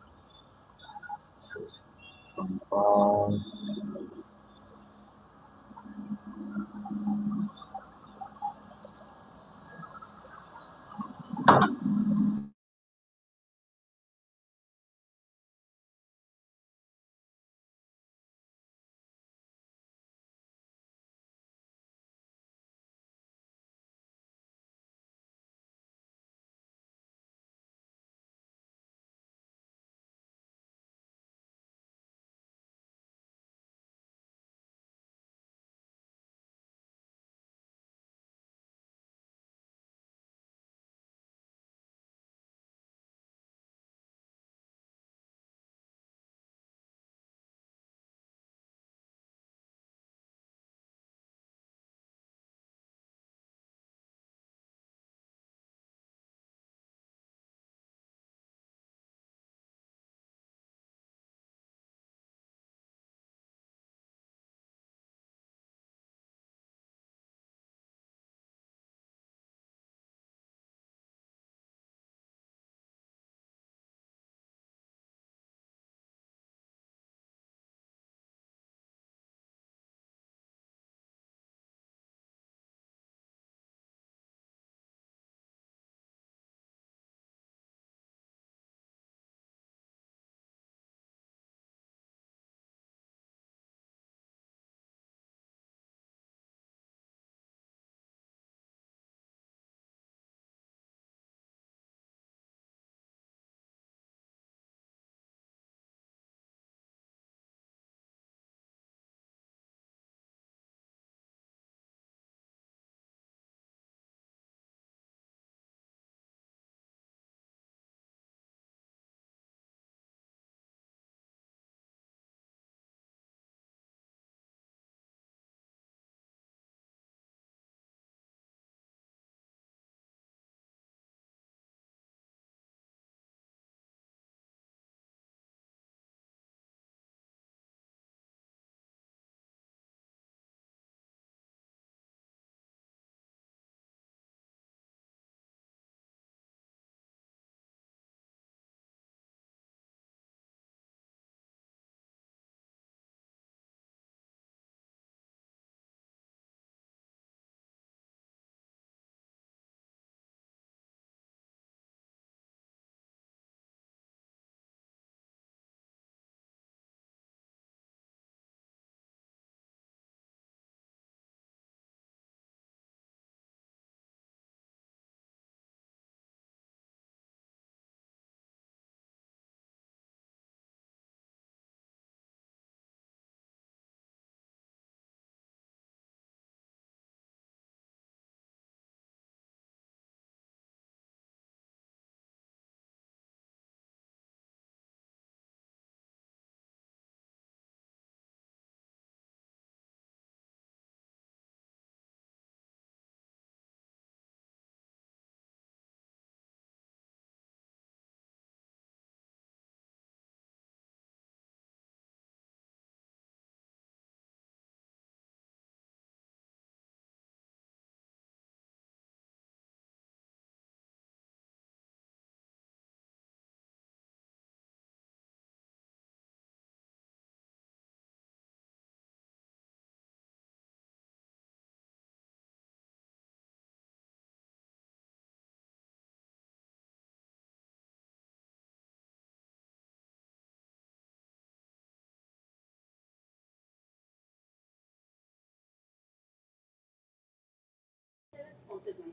S8: and five.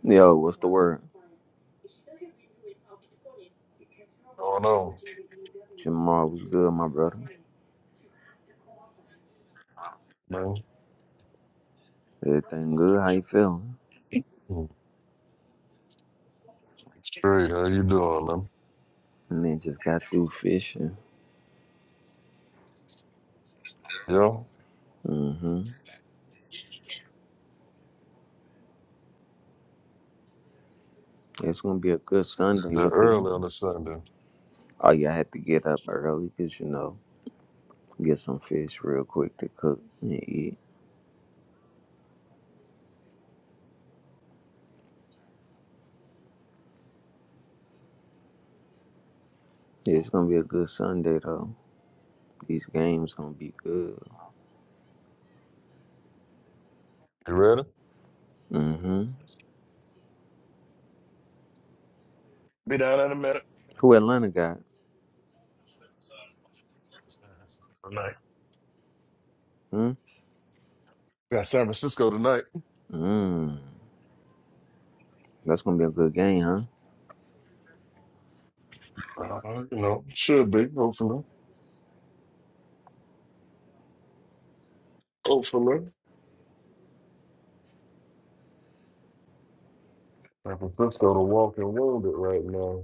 S9: Yo, what's the word?
S2: no,
S9: Jamal was good, my brother.
S2: man.
S9: Everything good? How you feeling?
S2: Mm, Straight, how you doing, man?
S9: And then just got through fishing.
S2: Yeah.
S9: hmm It's gonna be a good Sunday
S2: They're
S9: with it.
S2: early on the Sunday.
S9: Oh yeah, I had to get up early 'cause you know get some fish real quick to cook and eat. Yeah, It's gonna be a good Sunday though. These games gonna be good.
S2: You ready?
S9: hmm
S2: Be down in a minute.
S9: Who Atlanta got?
S2: Tonight.
S9: Hmm.
S2: Got San Francisco tonight.
S9: Mm. That's gonna be a good game, huh?
S2: Uh, you know, should be, hopefully. Hopefully. San Francisco the walking wounded right now.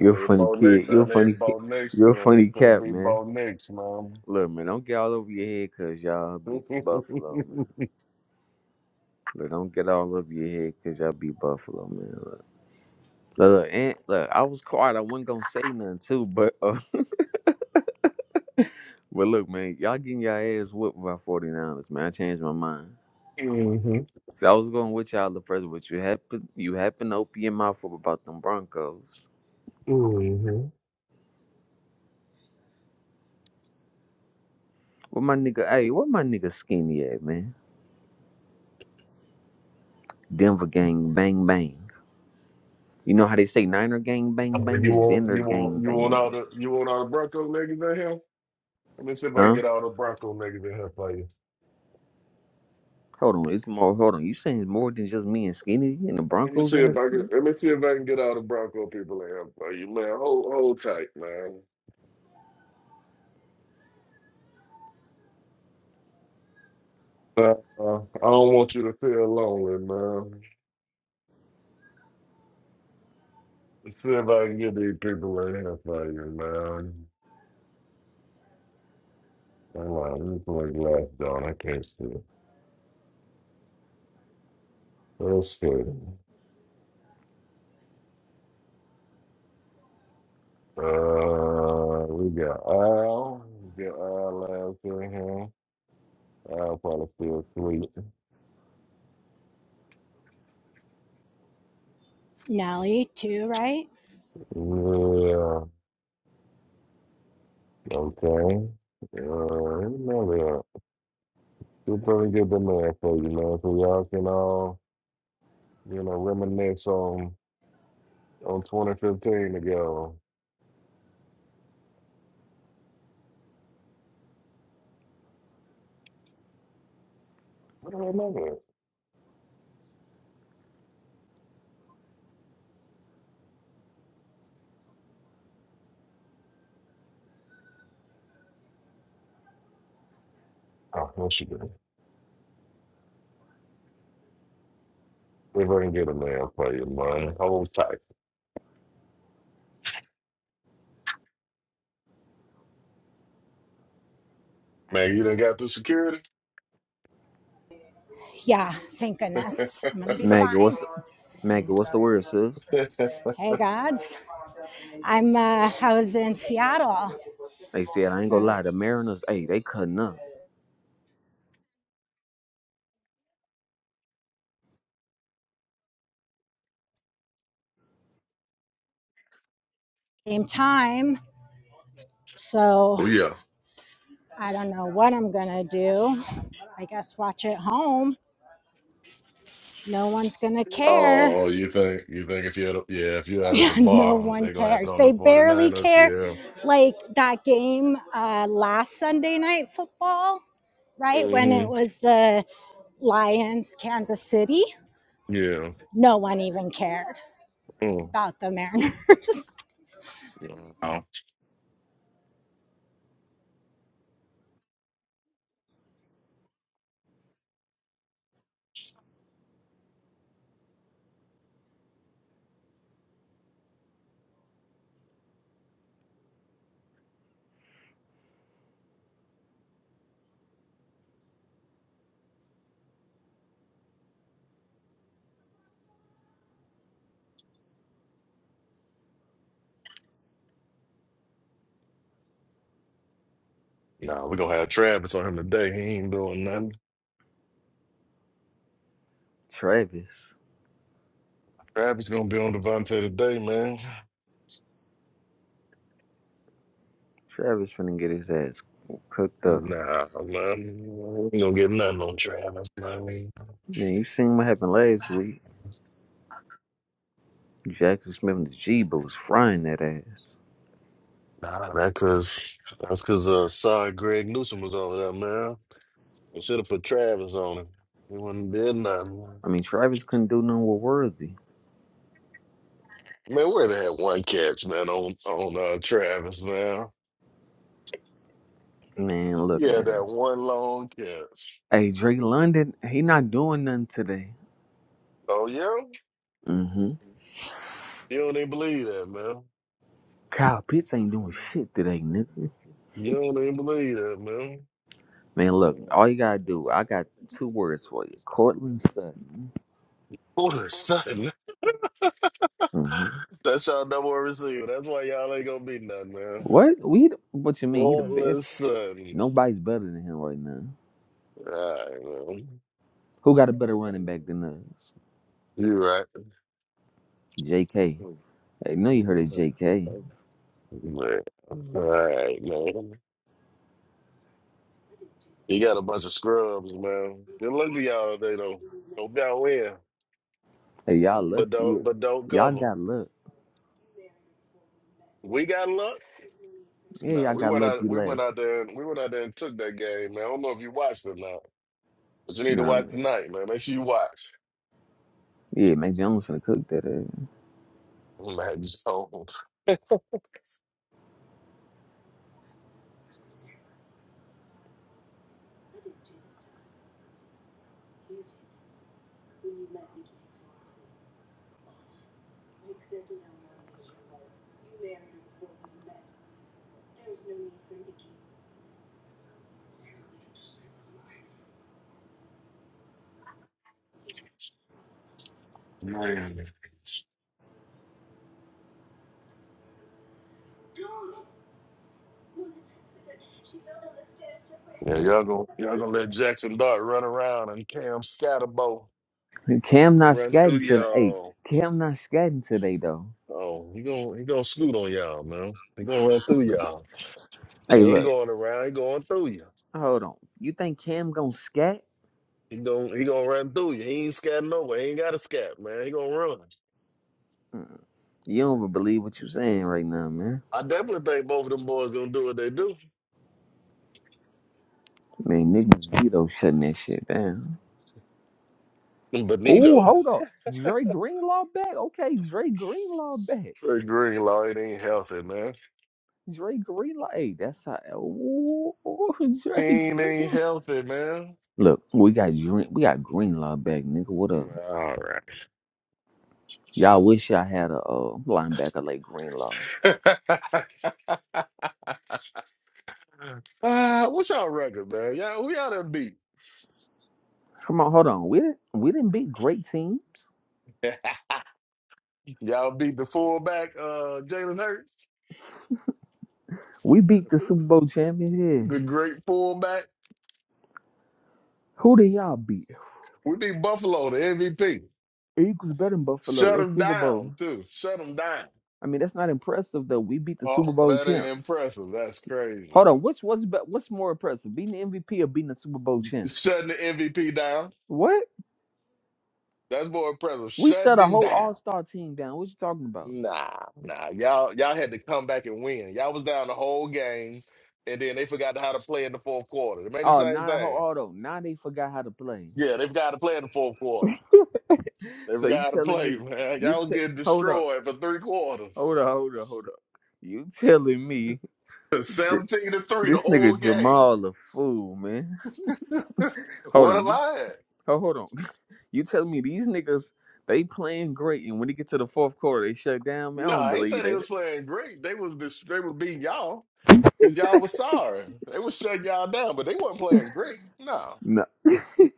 S2: I
S9: a
S2: need
S9: funny
S2: Bo Nix.
S9: kid. You're
S2: I
S9: a funny
S2: need
S9: kid.
S2: Bo Nix
S9: You're a
S2: to,
S9: funny
S2: to
S9: cat,
S2: be
S9: man.
S2: Bo Nix, man.
S9: Look, man, don't get all over your head because y'all beat the Buffalo, man. Look, don't get all over your head because y'all beat Buffalo, man. Look, look, look, and, look, I was quiet. I wasn't going to say nothing, too. But uh, but look, man, y'all getting y'all ass whooped by 49ers, man. I changed my mind. So I was going with y'all the first, but you happen, you happen to open your mouth up about them Broncos. What my nigga, hey, what my nigga skinny at, man? Denver gang, bang, bang. You know how they say Niner gang, bang, bang? It's Denver gang, bang, bang.
S2: See if I can
S9: Huh?
S2: get all the Bronco niggas in here for you.
S9: Hold on, it's more. Hold on, you saying it's more than just me and Skinny and the
S2: Let me
S9: Broncos
S2: see
S9: in
S2: if
S9: this?
S2: I can let me see if I can get all the Bronco people in here for you, man. Hold hold tight, man. Uh, uh, I don't want you to feel lonely, man. Let's see if I can get these people in here for you, man. Hang on, let me put my glass down. I can't see. Let's see. Uh, we got Al. We got Al last in here. Al probably still asleep.
S1: Nelly, too, right?
S2: Yeah. Okay. Uh, you know that. Just let me get the man for you, man, so y'all can all, you know, reminisce on on 2015 ago. I don't remember it. Oh, what she did. If I can get a man for you, man. Hold tight. Man, you done got through security?
S1: Yeah, thank goodness. I'm going to be
S9: Maggie,
S1: fine.
S9: what's the Maggie? What's the word, sis?
S1: Hey, gods. I'm, uh, I was in Seattle.
S9: They said I ain't gonna
S1: So
S9: lie. The Mariners, hey, they cutting up.
S1: same time. So
S2: Oh yeah.
S1: I don't know what I'm going to do. I guess watch it home. No one's going to care.
S2: Oh, you think you think if you're at a- yeah if you're out at the
S1: Yeah, no
S2: bar,
S1: one
S2: they're gonna have it
S1: cares.
S2: on the
S1: They barely
S2: 49ers,
S1: care.
S2: yeah.
S1: Like that game uh, last Sunday night football, right? When it
S2: Mm-hmm.
S1: was the Lions, Kansas City,
S2: Yeah.
S1: no one even cared
S2: Mm.
S1: about the Mariners.
S2: No, no, we're gonna have Travis on him today. He ain't doing nothing.
S9: Travis,
S2: Travis gonna be on Devontae today, man.
S9: Travis finna get his ass cooked up.
S2: Nah, man, we ain't gonna get nothing on Travis, man.
S9: Man, you seen what happened last week? Jackson Smith and the G, but was frying that ass.
S2: Nah, that cause that's cause uh sorry Greg Newsom was over there, man. We should have put Travis on him. He wouldn't did nothing.
S9: I mean, Travis couldn't do nothing with Worthy.
S2: Man, where they had one catch, man, on on uh, Travis now.
S9: Man, look,
S2: Yeah,
S9: man.
S2: that one long catch.
S9: Hey, Drake London, he not doing nothing today.
S2: Oh yeah?
S9: Mm-hmm.
S2: You don't even believe that, man.
S9: Kyle Pitts ain't doing shit today, nigga.
S2: You don't even believe that, man.
S9: Man, look, all you gotta do, I got two words for you. Cortland Sutton.
S2: All of a sudden,
S9: hmm
S2: that's y'all number one receiver. That's why y'all ain't gonna be nothing, man.
S9: What? We what you mean? He the
S2: All of
S9: best.
S2: a sudden.
S9: Nobody's better than him right now.
S2: All right, man.
S9: Who got a better running back than us?
S2: You right.
S9: JK. Hey, know you heard of JK.
S2: Man. All right, man. You got a bunch of scrubs, man. Good luck to y'all today though. Hope y'all win.
S9: Hey, y'all lucky.
S2: But
S9: Yeah.
S2: don't but don't
S9: Y'all
S2: cover.
S9: got luck.
S2: We got luck.
S9: Yeah,
S2: No,
S9: y'all
S2: we
S9: got
S2: went
S9: lucky
S2: out. We went
S9: last.
S2: out there. And, we went out there and took that game, man. I don't know if you watched it or not, but you need to
S9: Nah,
S2: watch
S9: man.
S2: tonight, man. Make sure you watch.
S9: Yeah, Mac Jones finna cook that ass.
S2: Oh, Man, so crazy. Yeah, y'all gonna y'all gonna let Jackson Dart run around and Cam Scatterbo
S9: Cam not
S2: run through
S9: scatting today. Hey,
S2: y'all.
S9: Cam not scatting today though.
S2: Oh, he gonna he gonna snoot on y'all, man. He gonna run through y'all. He
S9: Hey,
S2: ain't
S9: look.
S2: going around. He going through you.
S9: Hold on. You think Cam gonna scat?
S2: He gonna he gonna run through you. He ain't scatting nowhere. He ain't got to scat, man. He gonna run.
S9: You don't even believe what you are saying right now, man.
S2: I definitely think both of them boys gonna do what they do.
S9: Man, niggas Vito shutting that shit down. Oh,
S2: Benito.
S9: hold up. Dre Greenlaw back? Okay, Dre Greenlaw back.
S2: Trey Greenlaw, it ain't healthy, man.
S9: Dre Greenlaw. Hey, that's how ooh,
S2: He
S9: Dre
S2: ain't, ain't
S9: Greenlaw.
S2: healthy, man.
S9: Look, we got Dre, we got Greenlaw back, nigga. What up?
S2: All right.
S9: Y'all wish y'all had a uh, linebacker like Greenlaw.
S2: uh, what's y'all record, man? Y'all, who y'all done beat?
S9: Come on, hold on. We didn't we didn't beat great teams.
S2: y'all beat the fullback, uh, Jalen Hurts,
S9: We beat the Super Bowl champions here.
S2: the great fullback.
S9: Who did y'all beat?
S2: We beat Buffalo, the MVP.
S9: Eagles better than Buffalo.
S2: Shut
S9: They
S2: him
S9: Super Bowl.
S2: down, too. Shut him down.
S9: I mean, that's not impressive though. We beat the Super
S2: Oh,
S9: Bowl
S2: that ain't
S9: champs.
S2: impressive. That's crazy.
S9: Hold on, what's what's be- what's more impressive, being the MVP or being the Super Bowl champs?
S2: Shutting the MVP down.
S9: What?
S2: That's more impressive.
S9: We shut
S2: Shutting
S9: a
S2: him
S9: whole
S2: down.
S9: All Star team down. What you talking about?
S2: Nah, nah. Y'all, y'all had to come back and win. Y'all was down the whole game, and then they forgot how to play in the fourth quarter. They made the
S9: Oh,
S2: same
S9: now that whole
S2: thing.
S9: auto. Now they forgot how to play.
S2: Yeah, they forgot to play in the fourth quarter. They
S9: so
S2: forgot
S9: you
S2: how to
S9: telling
S2: play,
S9: me?
S2: man.
S9: You
S2: Y'all was
S9: te-
S2: getting
S9: hold up,
S2: destroyed for three quarters.
S9: hold up, hold up, hold up. You telling me that
S2: 17 to 3 the
S9: this
S2: whole
S9: nigga
S2: game.
S9: Jamal a fool, man? Hold
S2: What a
S9: on, you. T-
S2: lie.
S9: oh, hold on. You telling me these niggas they playing great, and when they get to the fourth quarter, they shut down? Man, I
S2: No,
S9: don't
S2: I ain't
S9: believe
S2: say they
S9: that.
S2: was playing great. They was dis- they was beating y'all because y'all was sorry. They was shutting y'all down, but they wasn't playing great. No.
S9: No. hey,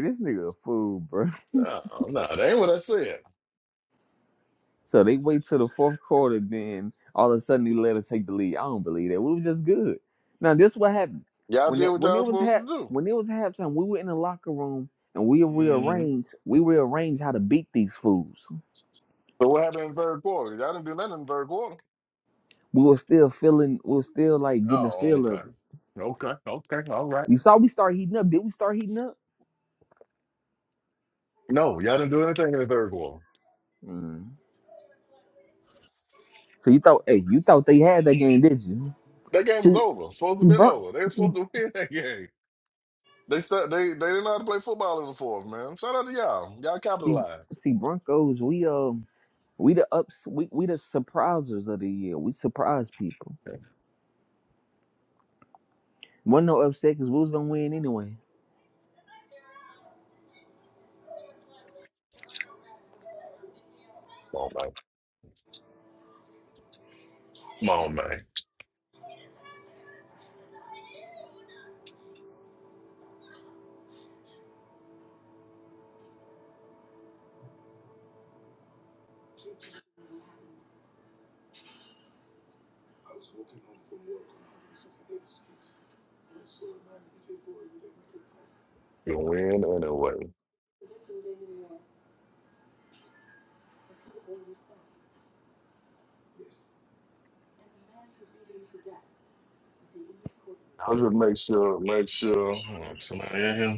S9: this nigga a fool, bro.
S2: No, no, that ain't what I said.
S9: So they wait till the fourth quarter, then all of a sudden they let us take the lead. I don't believe that. We was just good. Now this what happened
S2: Y'all
S9: when
S2: did
S9: it,
S2: what
S9: when
S2: y'all
S9: it
S2: was
S9: was
S2: supposed
S9: half
S2: to do.
S9: when it was halftime. We were in the locker room and we
S2: hmm
S9: rearranged we rearranged how to beat these fools.
S2: So what happened in the third quarter? Y'all didn't do nothing in the third quarter.
S9: We were still feeling we were still like getting the
S2: Oh,
S9: feel
S2: okay.
S9: of it.
S2: Okay. Okay. All right.
S9: You saw we start heating up. Did we start heating up?
S2: No, y'all didn't do anything in the third quarter.
S9: Mm. So you thought hey you thought they had that game, did you?
S2: That game was
S9: See
S2: over. Supposed to
S9: see
S2: have been
S9: Bron-
S2: over. They were
S9: see
S2: supposed to win that game. They stu- they they didn't know how to play football in the fourth, man. Shout out to y'all. Y'all
S9: see,
S2: capitalized.
S9: see Broncos. We uh We the ups. We we the surprisers of the year. We surprise people. Wasn't no upset because we was gonna win anyway.
S2: Come on, man. Come on, man. You win anyway. I will just make sure, make sure oh, somebody in here.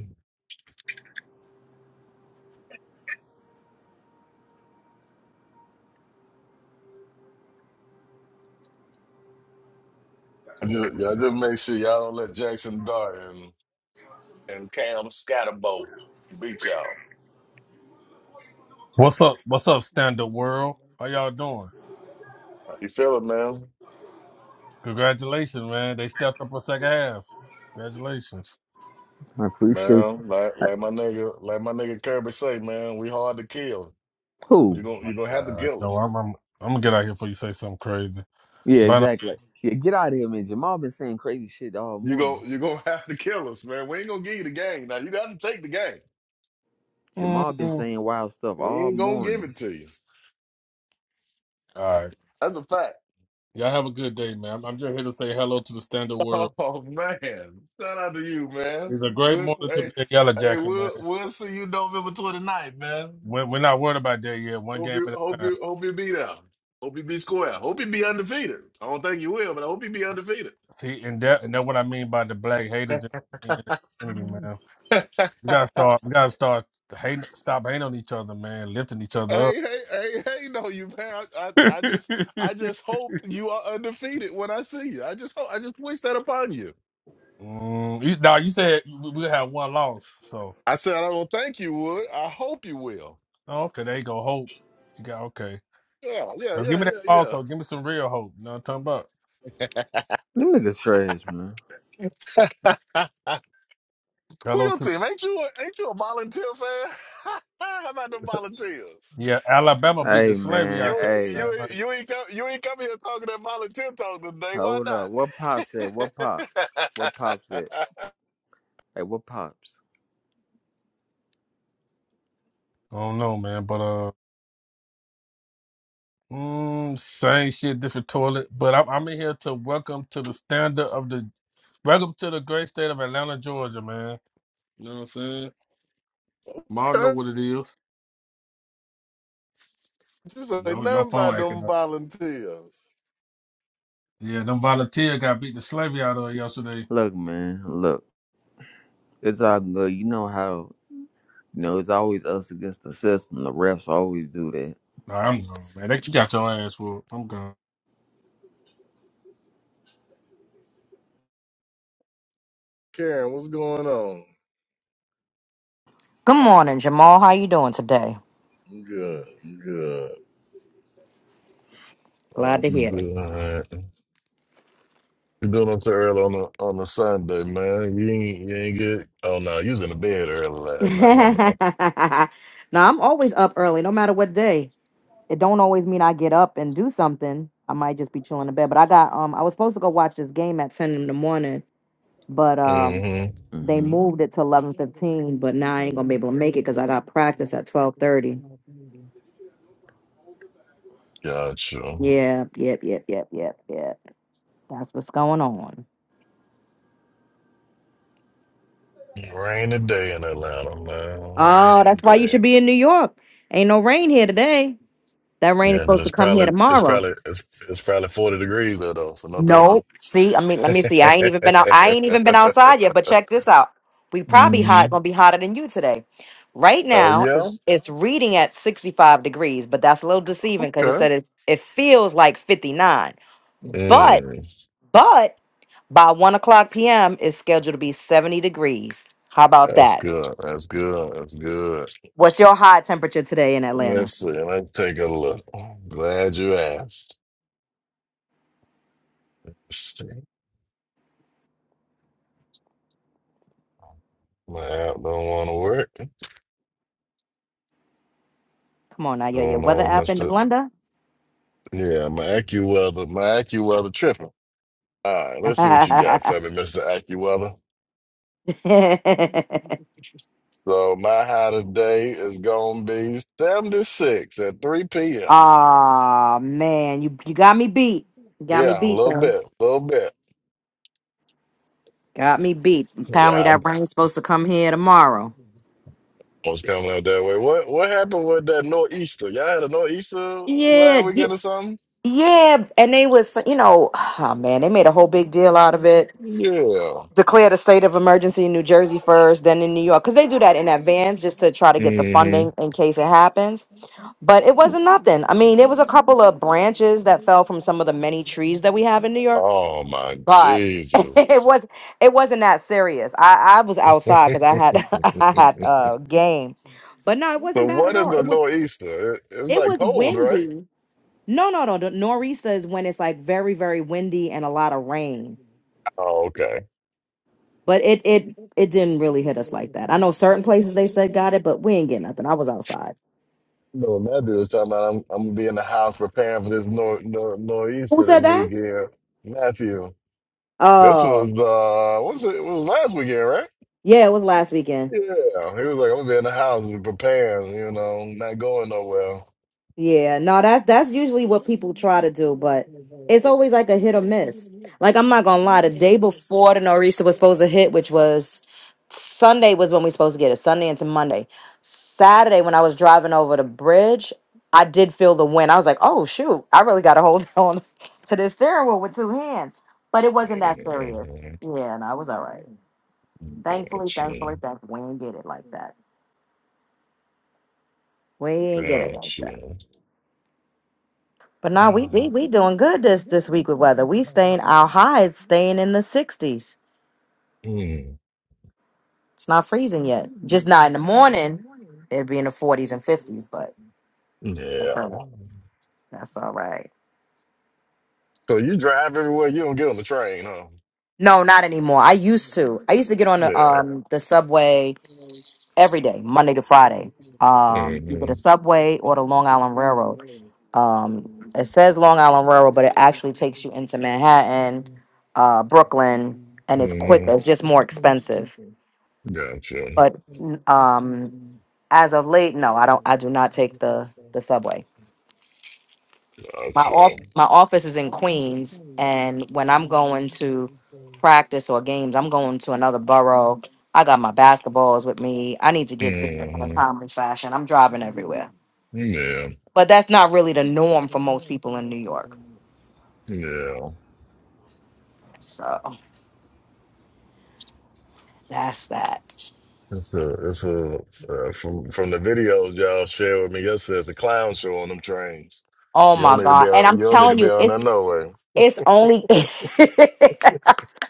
S2: I just, y'all just make sure y'all don't let Jackson Dart and, and Cam Scatterbo beat y'all.
S10: What's up? What's up, stand up world? How y'all doing?
S2: How you feeling, man?
S10: Congratulations, man. They stepped up a second half. Congratulations.
S9: I appreciate
S2: Man, like like my nigga, like my nigga Kirby say, man, we hard to kill.
S9: who.
S2: You gon'
S10: My
S2: you gonna have to
S10: God.
S2: kill
S10: No,
S2: us.
S10: I'm I'm, I'm gonna get out here before you say something crazy.
S9: Yeah,
S10: But uh,
S9: exactly. Yeah, get out of here, man. Jamal been saying crazy shit all
S2: You
S9: morning.
S2: go you gonna have to kill us, man. We ain't gonna give you the game. Now you gotta take the game.
S10: mm,
S9: Jamal been
S10: all
S9: saying wild stuff
S2: We
S9: all
S2: ain't gonna give
S9: morning.
S2: it to you.
S10: right.
S2: That's a fact.
S10: Y'all have a good day, man. I'm, I'm just here to say hello to the stand up world.
S2: Oh man. Shout out to you, man.
S10: It's a great
S2: We'll,
S10: morning to
S2: hey,
S10: be a yellow
S2: hey,
S10: jacket, man.
S2: we'll we'll see you November twenty ninth, man.
S10: We're, we're not worried about that yet. One
S2: Hope
S10: game
S2: you
S10: at a
S2: hope
S10: time.
S2: you hope you be there. Hope you be square. Hope you be undefeated. I don't think you will, but I hope you be undefeated.
S10: See, and that and that's what I mean by the black haters in in the community, man. We gotta start. We gotta start hating. Stop hating on each other, man. Lifting each other up.
S2: Hey, hey, hey, hey, no, you man. I, I, I just I just hope you are undefeated when I see you. I just hope I just wish that upon you.
S10: Mm, you, now you said we we had one loss, so
S2: I said I don't think you would. I hope you will.
S10: oh, okay, there you go. Hope you got okay.
S2: Yeah, yeah,
S10: Now give
S2: yeah,
S10: me that false
S2: yeah,
S10: hope. Give me some real hope. You know what I'm talking about?
S9: Them niggas trash, man.
S2: yeah. Who
S10: Hello
S2: your
S10: to
S2: team? Ain't you a, ain't you a volunteer fan? How about the volunteers?
S10: yeah, Alabama beat
S9: Hey,
S10: the slavery
S9: man.
S10: out
S2: You ain't-
S10: y'all
S9: Hey,
S2: you
S10: last
S2: ain't-
S10: night.
S2: you ain't come you ain't come here talking that volunteer talk today. Why
S9: hold up. What pops at?
S2: not?
S9: What pops? What pops at? Hey, what pops?
S10: I don't know, man, but uh, mm, same shit, different toilet. But I'm I'm in here to welcome to the standard of the welcome to the great state of Atlanta, Georgia, man. You know what I'm saying? Y'all know what it is.
S2: Just ain't
S10: Yo, your
S2: nothing
S10: phone
S2: about
S10: acting
S2: them
S10: up.
S2: volunteers.
S10: Yeah, them volunteers got beat the slavery out of yesterday.
S9: Look, man. Look, it's all good. You know how? You know, it's always us against the system. The refs always do that.
S10: Nah, I'm gone, man. They you got your ass for. I'm gone.
S2: Karen, what's going on?
S11: Good morning, Jamal. How you doing today?
S2: I'm good. I'm good.
S11: Glad to
S2: I'm
S11: hear it.
S2: good. You doing up so early on a on a Sunday, man? You ain't you ain't good. Oh no, you was in the bed early last night. My bad.
S11: now I'm always up early, no matter what day. It don't always mean I get up and do something. I might just be chilling in bed. But I got um I was supposed to go watch this game at ten in the morning, but um
S2: Mm-hmm.
S11: they
S9: hmm
S11: moved it to eleven fifteen. But now I ain't gonna be able to make it because I got practice at twelve thirty.
S2: Gotcha.
S11: Yep, yep, yep, yep, yep, yep. That's what's going on.
S2: Rainy day in Atlanta, man.
S11: Oh,
S2: Rainy
S11: that's why you
S2: day.
S11: should be in New York. Ain't no rain here today. That rain is
S2: Yeah, but
S11: supposed to
S2: it's
S11: come here
S2: probably it's
S11: tomorrow.
S2: probably it's it's probably forty degrees there though, so no thank you.
S11: Nope. See, I mean, let me see. I ain't even been out. I ain't even been outside yet. But check this out. We probably
S2: hmm
S11: hot gonna be hotter than you today. Right
S2: Oh
S11: now,
S2: yeah,
S11: it's it's reading at sixty five degrees, but that's a little deceiving because it
S2: okay.
S11: said it it feels like fifty nine. But
S2: Mm,
S11: but by one o'clock p.m. it's scheduled to be seventy degrees. How about
S2: that's
S11: that?
S2: good. That's good. That's good.
S11: What's your high temperature today in
S2: Let's
S11: Atlanta?
S2: see. Let's take a look. Glad you asked. Let's see. My app don't want to work.
S11: Come on now, yeah, your
S2: Going
S11: weather
S2: on,
S11: app in the
S2: Mister.
S11: blender.
S2: Yeah, my AccuWeather. My AccuWeather tripping. All right, let's see what you got for me, Mister AccuWeather. So my high today is gonna be 76 at 3 p.m.
S11: Ah man, you you got me beat. You got me
S2: Yeah, a
S11: beat
S2: little
S11: though.
S2: bit, a little bit.
S11: Got me beat. Apparently
S2: Yeah,
S11: that rain's supposed to come here tomorrow.
S2: I was coming out that way. What what happened with that nor'easter? Y'all had a nor'easter
S11: Yeah,
S2: last
S11: y-
S2: weekend or something?
S11: yeah, and they was you know, oh man, they made a whole big deal out of it.
S2: Yeah.
S11: Declared a state of emergency in New Jersey first, then in New York, because they do that in advance just to try to get the
S2: hmm
S11: funding in case it happens. But it wasn't nothing. I mean, there was a couple of branches that fell from some of the many trees that we have in New York
S2: Oh my
S11: Right. it
S2: Jesus.
S11: was it wasn't that serious. I I was outside because I had I had a game, but no, it
S2: So
S11: wasn't bad at
S2: what is
S11: all.
S2: a
S11: It was
S2: nor'easter? It, it's
S11: it
S2: like
S11: was
S2: cold, right?
S11: windy. No, no, no. The nor'easter is when it's like very very windy and a lot of rain.
S2: Oh, okay.
S11: But it it it didn't really hit us like that. I know certain places they said got it, but we ain't get nothing. I was outside.
S2: No, that dude was talking about I'm I'm gonna be in the house preparing for this nor, nor
S11: Who
S2: nor'easter
S11: said
S2: this
S11: that?
S2: weekend. Matthew. This was
S11: Oh
S2: uh, what was it? It was last weekend, right?
S11: yeah, it was last weekend.
S2: Yeah, he was like, I'm gonna be in the house preparing, you know, not going nowhere.
S11: Yeah, no, that that's usually what people try to do, but it's always like a hit or miss. Like I'm not gonna lie, the day before the Norista was supposed to hit, which was Sunday, was when we supposed to get it. Sunday into Monday, Saturday when I was driving over the bridge, I did feel the wind. I was like, oh shoot, I really got to hold on to this steering wheel with two hands. But it wasn't that serious. Yeah, no, I was all right. Thankfully, thankfully, thankfully, we ain't get it like that. We ain't get it like that. But now we, we we doing good this this week with weather. We staying our high is staying in the sixties.
S2: Mm.
S11: It's not freezing yet. Just not in the morning. It'd be in the forties and fifties, but that's all right.
S2: Yeah.
S11: That's all right.
S2: So you drive everywhere. You don't get on the train, huh?
S11: No, not anymore. I used to. I used to get on the
S2: Yeah.
S11: um the subway every day, Monday to Friday. Um, either the
S2: Mm-hmm.
S11: subway or the Long Island Railroad. Um, it says Long Island Railroad, but it actually takes you into Manhattan, uh, Brooklyn, and it's quick.
S2: Mm-hmm.
S11: It's just more expensive
S2: Gotcha.
S11: but um as of late no i don't i do not take the the subway my off
S2: Gotcha.
S11: my office is in queens and when i'm going to practice or games i'm going to another borough i got my basketballs with me i need to get there in a
S2: Mm-hmm.
S11: timely fashion i'm driving everywhere
S2: Yeah.
S11: but that's not really the norm for most people in new york
S2: Yeah.
S11: so that's that
S2: It's a, it's a uh, from from the videos y'all shared with me yesterday. It's a clown show on them trains.
S11: oh
S2: You
S11: my
S2: don't need to
S11: god
S2: be
S11: and
S2: on.
S11: i'm
S2: You don't need to
S11: telling
S2: be
S11: you
S2: on
S11: it's
S2: that no
S11: it's only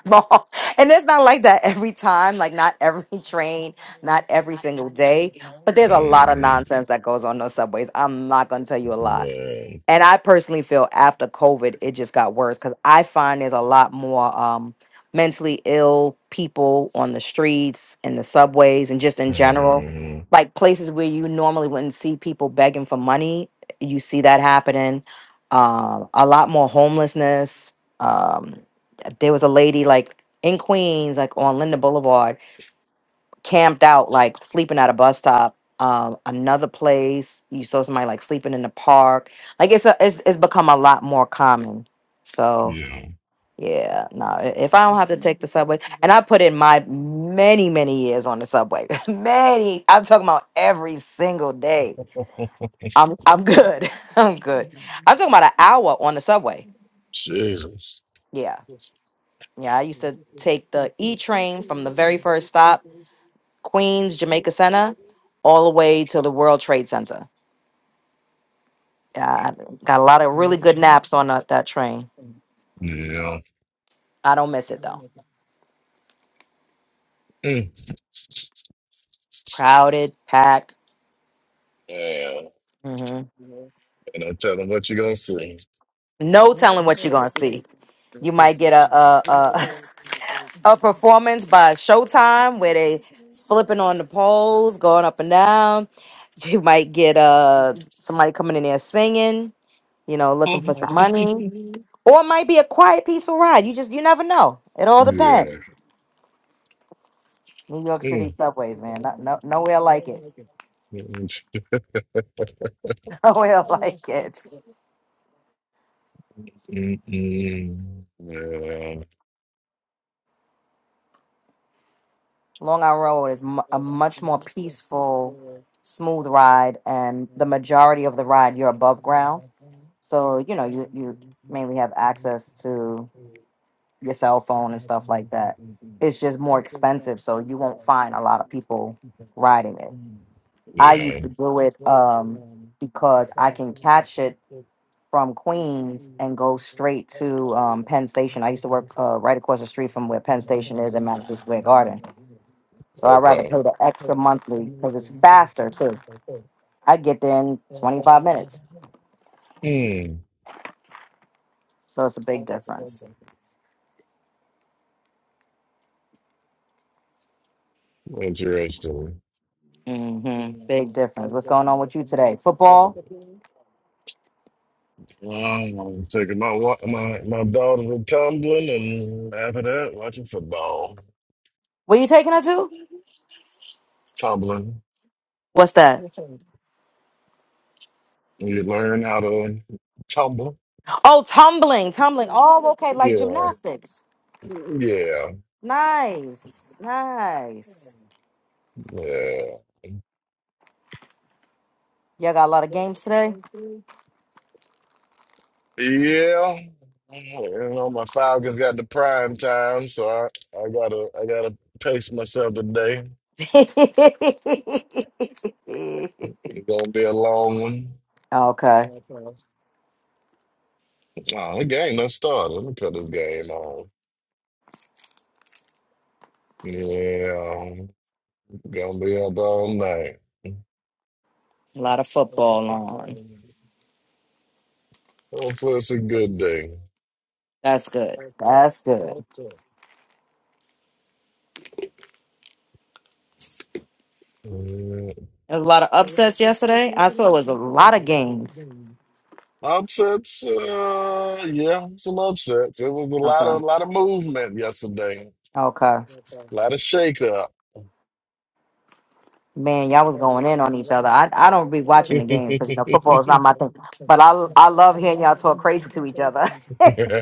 S11: small. And it's not like that every time, like not every train, not every single day. But there's a lot of
S2: way.
S11: nonsense that goes on those subways. I'm not gonna tell you a lot.
S2: Man.
S11: And I personally feel after COVID, it just got worse because I find there's a lot more um, mentally ill people on the streets and the subways and just in general,
S2: Mm,
S11: like places where you normally wouldn't see people begging for money. You see that happening. Um, a lot more homelessness. Um, there was a lady like in Queens, like on Linda Boulevard camped out, like sleeping at a bus stop, um, another place. You saw somebody like sleeping in the park. Like it's a, it's it's become a lot more common. So
S2: yeah.
S11: yeah, no. i- If I don't have to take the subway, and I put in my many many years on the subway, many. I'm talking about every single day. I'm I'm good. I'm good. I'm talking about an hour on the subway.
S2: Jesus.
S11: Yeah, yeah. I used to take the E train from the very first stop Queens, Jamaica Center, all the way to the World Trade Center. Yeah, I got a lot of really good naps on that, that train.
S2: Yeah.
S11: I don't miss it though.
S2: Mm.
S11: Crowded, packed. hmm
S2: And I tell them what you gonna see.
S11: No telling what you're gonna see. You might get a a a, a performance by Showtime where they flipping on the poles, going up and down. You might get uh somebody coming in there singing, you know, looking for some money. Or it might be a quiet, peaceful ride. You just you never know. It all depends.
S2: Yeah.
S11: New York City
S2: Mm.
S11: subways, man. No, no, nowhere like it.
S2: Mm.
S11: Nowhere like it.
S2: Mm-mm. yeah.
S11: Long Island Road is mu a much more peaceful, smooth ride, and the majority of the ride you're above ground, so you know you you mainly have access to your cell phone and stuff like that. It's just more expensive, so you won't find a lot of people riding it. I
S2: Yeah.
S11: used to do it um, because I can catch it from Queens and go straight to um, Penn Station. I used to work uh, right across the street from where Penn Station is in Madison Square Garden. So I'd rather
S2: Okay.
S11: pay the extra monthly because it's faster too. I get there in 25 minutes.
S2: Mm.
S11: So it's a big difference.
S2: Interesting.
S11: hmm Big difference. What's going on with you today? Football?
S2: Well, I'm taking my wa- my my daughter to tumbling, and after that, watching football.
S11: Where you taking her to?
S2: Tumbling.
S11: What's that?
S2: You learn how to tumble.
S11: Oh, tumbling, tumbling. Oh, okay, like
S2: Yeah.
S11: gymnastics.
S2: Yeah.
S11: Nice, nice.
S2: Yeah.
S11: Y'all got a lot of games today?
S2: Yeah, you know my Falcons got the prime time, so I, I gotta I gotta pace myself today. It's gonna be a long one.
S11: Okay.
S2: Oh, the game done started. Let me cut this game on. Yeah, gonna be up all night.
S11: A lot of football on.
S2: Hopefully it's a good day.
S11: That's good. That's good.
S2: Yeah.
S11: There was a lot of upsets yesterday. I saw it was a lot of games.
S2: Upsets, uh, yeah, some upsets. It was a lot
S11: Okay.
S2: of a lot of movement yesterday,
S11: Okay.
S2: a lot of shake up.
S11: Man, y'all was going in on each other. I, I don't be watching the game because you know football is not my thing. But I I love hearing y'all talk crazy to each other.
S2: Man,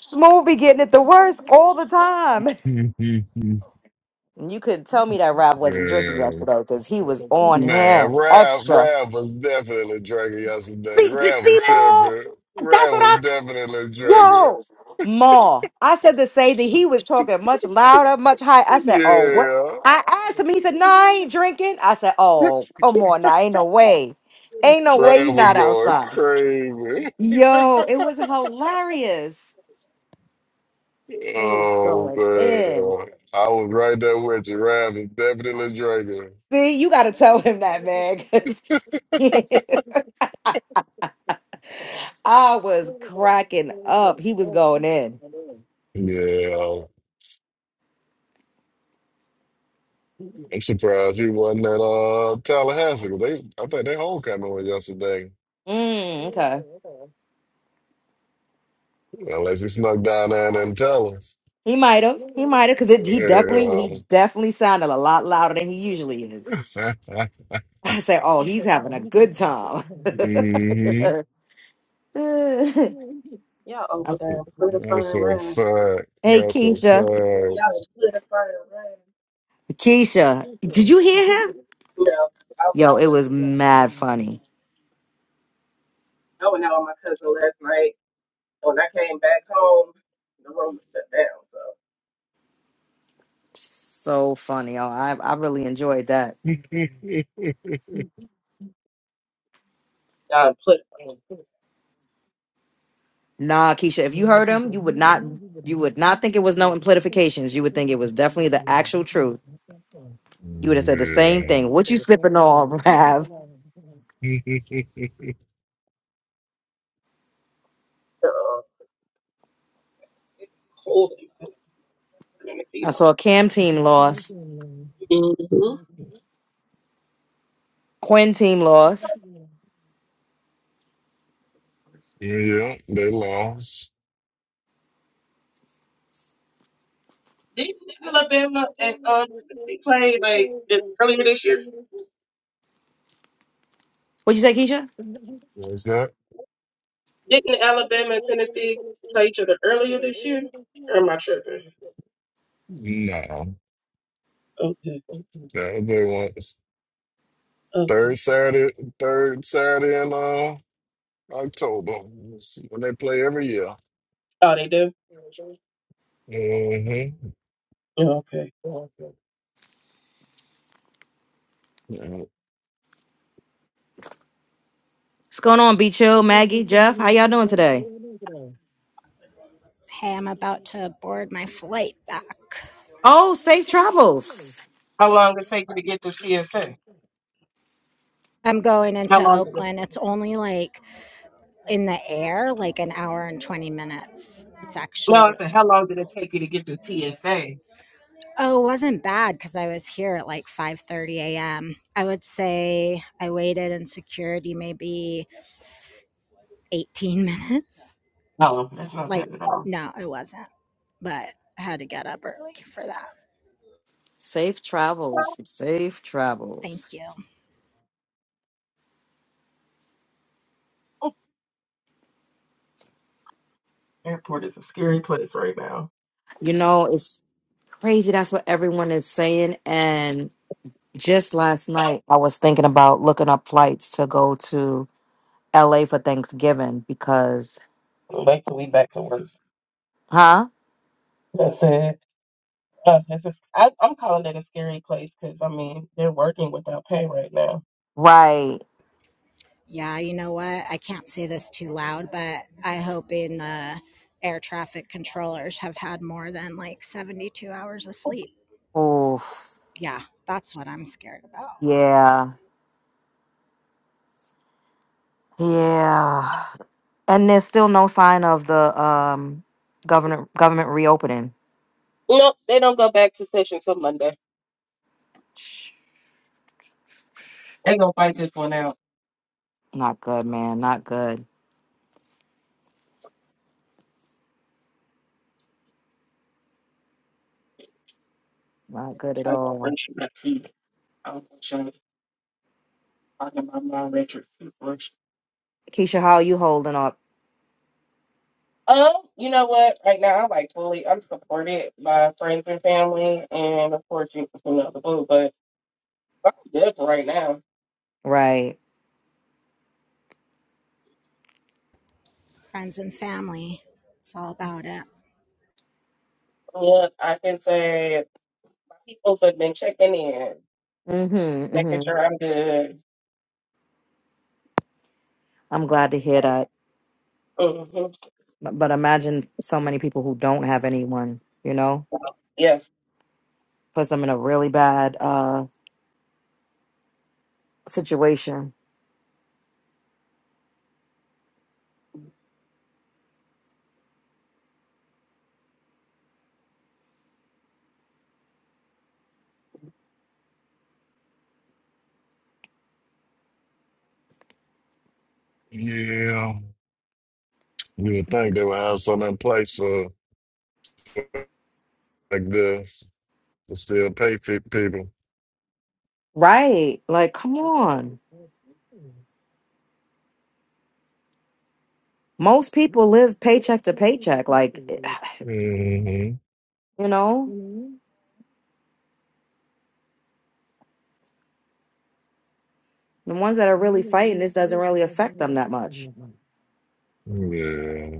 S11: Smooth be getting it the worst all the time. And you couldn't tell me that Rav wasn't drinking yesterday because he was on
S2: man,
S11: him
S2: Rav,
S11: extra.
S2: Rav was definitely drinking yesterday.
S11: See,
S2: Rav
S11: see,
S2: was
S11: Maul?
S2: tripping.
S11: That's
S2: Rav
S11: what I.
S2: was definitely drinking.
S11: Yo, Ma, I said the same thing. He was talking much louder, much higher. I said, Oh, what?
S2: Yeah,
S11: I asked him. He said, No, I ain't drinking. I said, Oh, come on now. Ain't no way. Ain't no way you
S2: Rav was
S11: not
S2: going
S11: outside.
S2: crazy.
S11: Yo, it was hilarious. He was
S2: Oh
S11: going in.
S2: man, I was right there with you. Rav is definitely drinking.
S11: See, you got to tell him that, man. 'cause I was cracking up. He was going in.
S2: Yeah, I'm surprised he wasn't at uh Tallahassee. 'cause They, I think their homecoming was yesterday.
S11: Mm, okay.
S2: Unless he snuck down there and didn't tell us.
S11: He might have. He might have, because he definitely,
S2: Um,
S11: he definitely sounded a lot louder than he usually is. I said, "Oh, he's having a good time."
S2: hmm
S11: I
S12: Y'all over
S11: s-
S12: there in Flutify
S2: That's
S12: and
S2: a
S12: Rhyme.
S2: fuck.
S11: hey,
S2: That's a
S11: Keisha,
S2: fuck.
S12: Y'all in Flutify and Rhyme.
S11: Keisha, did you hear him?
S12: You know, I was
S11: Yo, it was mad funny,
S12: I went out with my cousin last night. When I came back home, the room was shut down. So
S11: so funny. Oh, I I really enjoyed that.
S12: y'all in Flutify.
S11: Nah, Keisha, if you heard him, you would not you would not think it was no amplifications. You would think it was definitely the actual truth. You would have said the same thing. What you sipping on, Rav?
S12: Uh, it's cold in my house. Turning the feet
S11: I
S12: on.
S11: saw Cam team loss,
S12: Mm-hmm.
S11: Quinn team loss.
S2: Yeah, Yeah, they lost.
S12: Didn't Alabama and um, Tennessee play like it- earlier this year?
S11: What'd you say, Keisha?
S2: Was that?
S12: Didn't Alabama and Tennessee play each other earlier this year? Or am I tripping?
S2: No.
S12: Okay,
S2: That was they once. Third
S12: okay.
S2: Saturday, third Saturday in uh, October. When they play every year.
S12: Oh, they do.
S2: mm
S12: Yeah, okay.
S2: hmm
S11: What's going on, Be Chill, Maggie, Jeff? How y'all doing today?
S1: Hey, I'm about to board my flight back.
S11: Oh, safe travels.
S12: How long it take you to get to CSA?
S1: I'm going
S12: How
S1: into
S12: long did it?
S1: Oakland. It's only like in the air, like an hour and 20 minutes. It's
S12: No,
S1: actually
S12: I
S1: really
S12: said, how long did it take you to get through TSA?
S1: Oh, it wasn't bad because I was here at like 5:30 a.m. I would say I waited in security maybe 18 minutes.
S12: Oh, that's not
S1: Like
S12: bad at all.
S1: no, it wasn't, but I had to get up early for that.
S11: Safe travels. Safe travels.
S1: Thank you.
S12: Oh, Airport is a scary place right now.
S11: You know, it's crazy. That's what everyone is saying. And just last night, I was thinking about looking up flights to go to LA for Thanksgiving because,
S12: Uh, Wait till we back to work.
S11: huh?
S12: That's it. Uh, that's just, I, I'm calling it a scary place because I mean they're working without pay right now.
S11: Right.
S1: Yeah, you know what? I can't say this too loud, but I hope in the air traffic controllers have had more than like 72 hours of sleep.
S11: Oof.
S1: Yeah, that's what I'm scared about.
S11: Yeah. Yeah. And there's still no sign of the um government government reopening.
S12: Nope, they don't go back to session till Monday. They gonna fight this one out.
S11: Not good, man. Not good. Not good at
S12: I got
S11: all.
S12: pressure. I feel. I'm trying to find my Richard.
S11: Keisha, how are you holding up?
S12: Um, you know what? Right now, I'm like fully, I'm supported by friends and family, and of course, you, you know the boo. But I'm good for right now.
S11: Right.
S1: Friends and family. It's all about it.
S12: Yeah, I can say my people have been checking in,
S11: Mm-hmm.
S12: making
S11: Mm-hmm.
S12: sure I'm good.
S11: I'm glad to hear that.
S12: hmm
S11: But, but imagine so many people who don't have anyone, you know,
S12: Yeah.
S11: puts them in a really bad uh situation.
S2: Yeah. You would think they would have something in place for like this. They still pay fit people.
S11: Right. Like, come on. Most people live paycheck to paycheck. Like,
S2: Mm-hmm.
S11: you know, the ones that are really fighting, this doesn't really affect them that much.
S2: Yeah.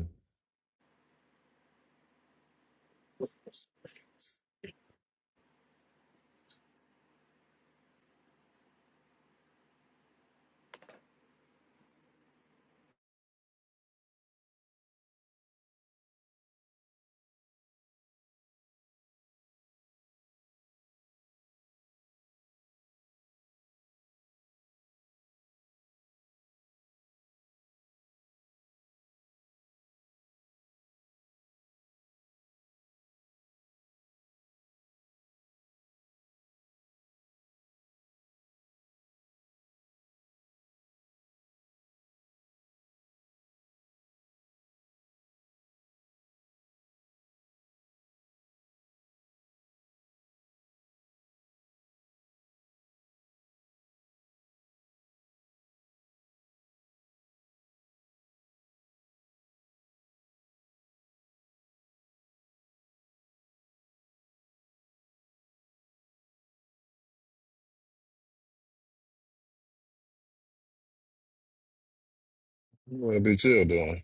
S2: What the bitch you doing?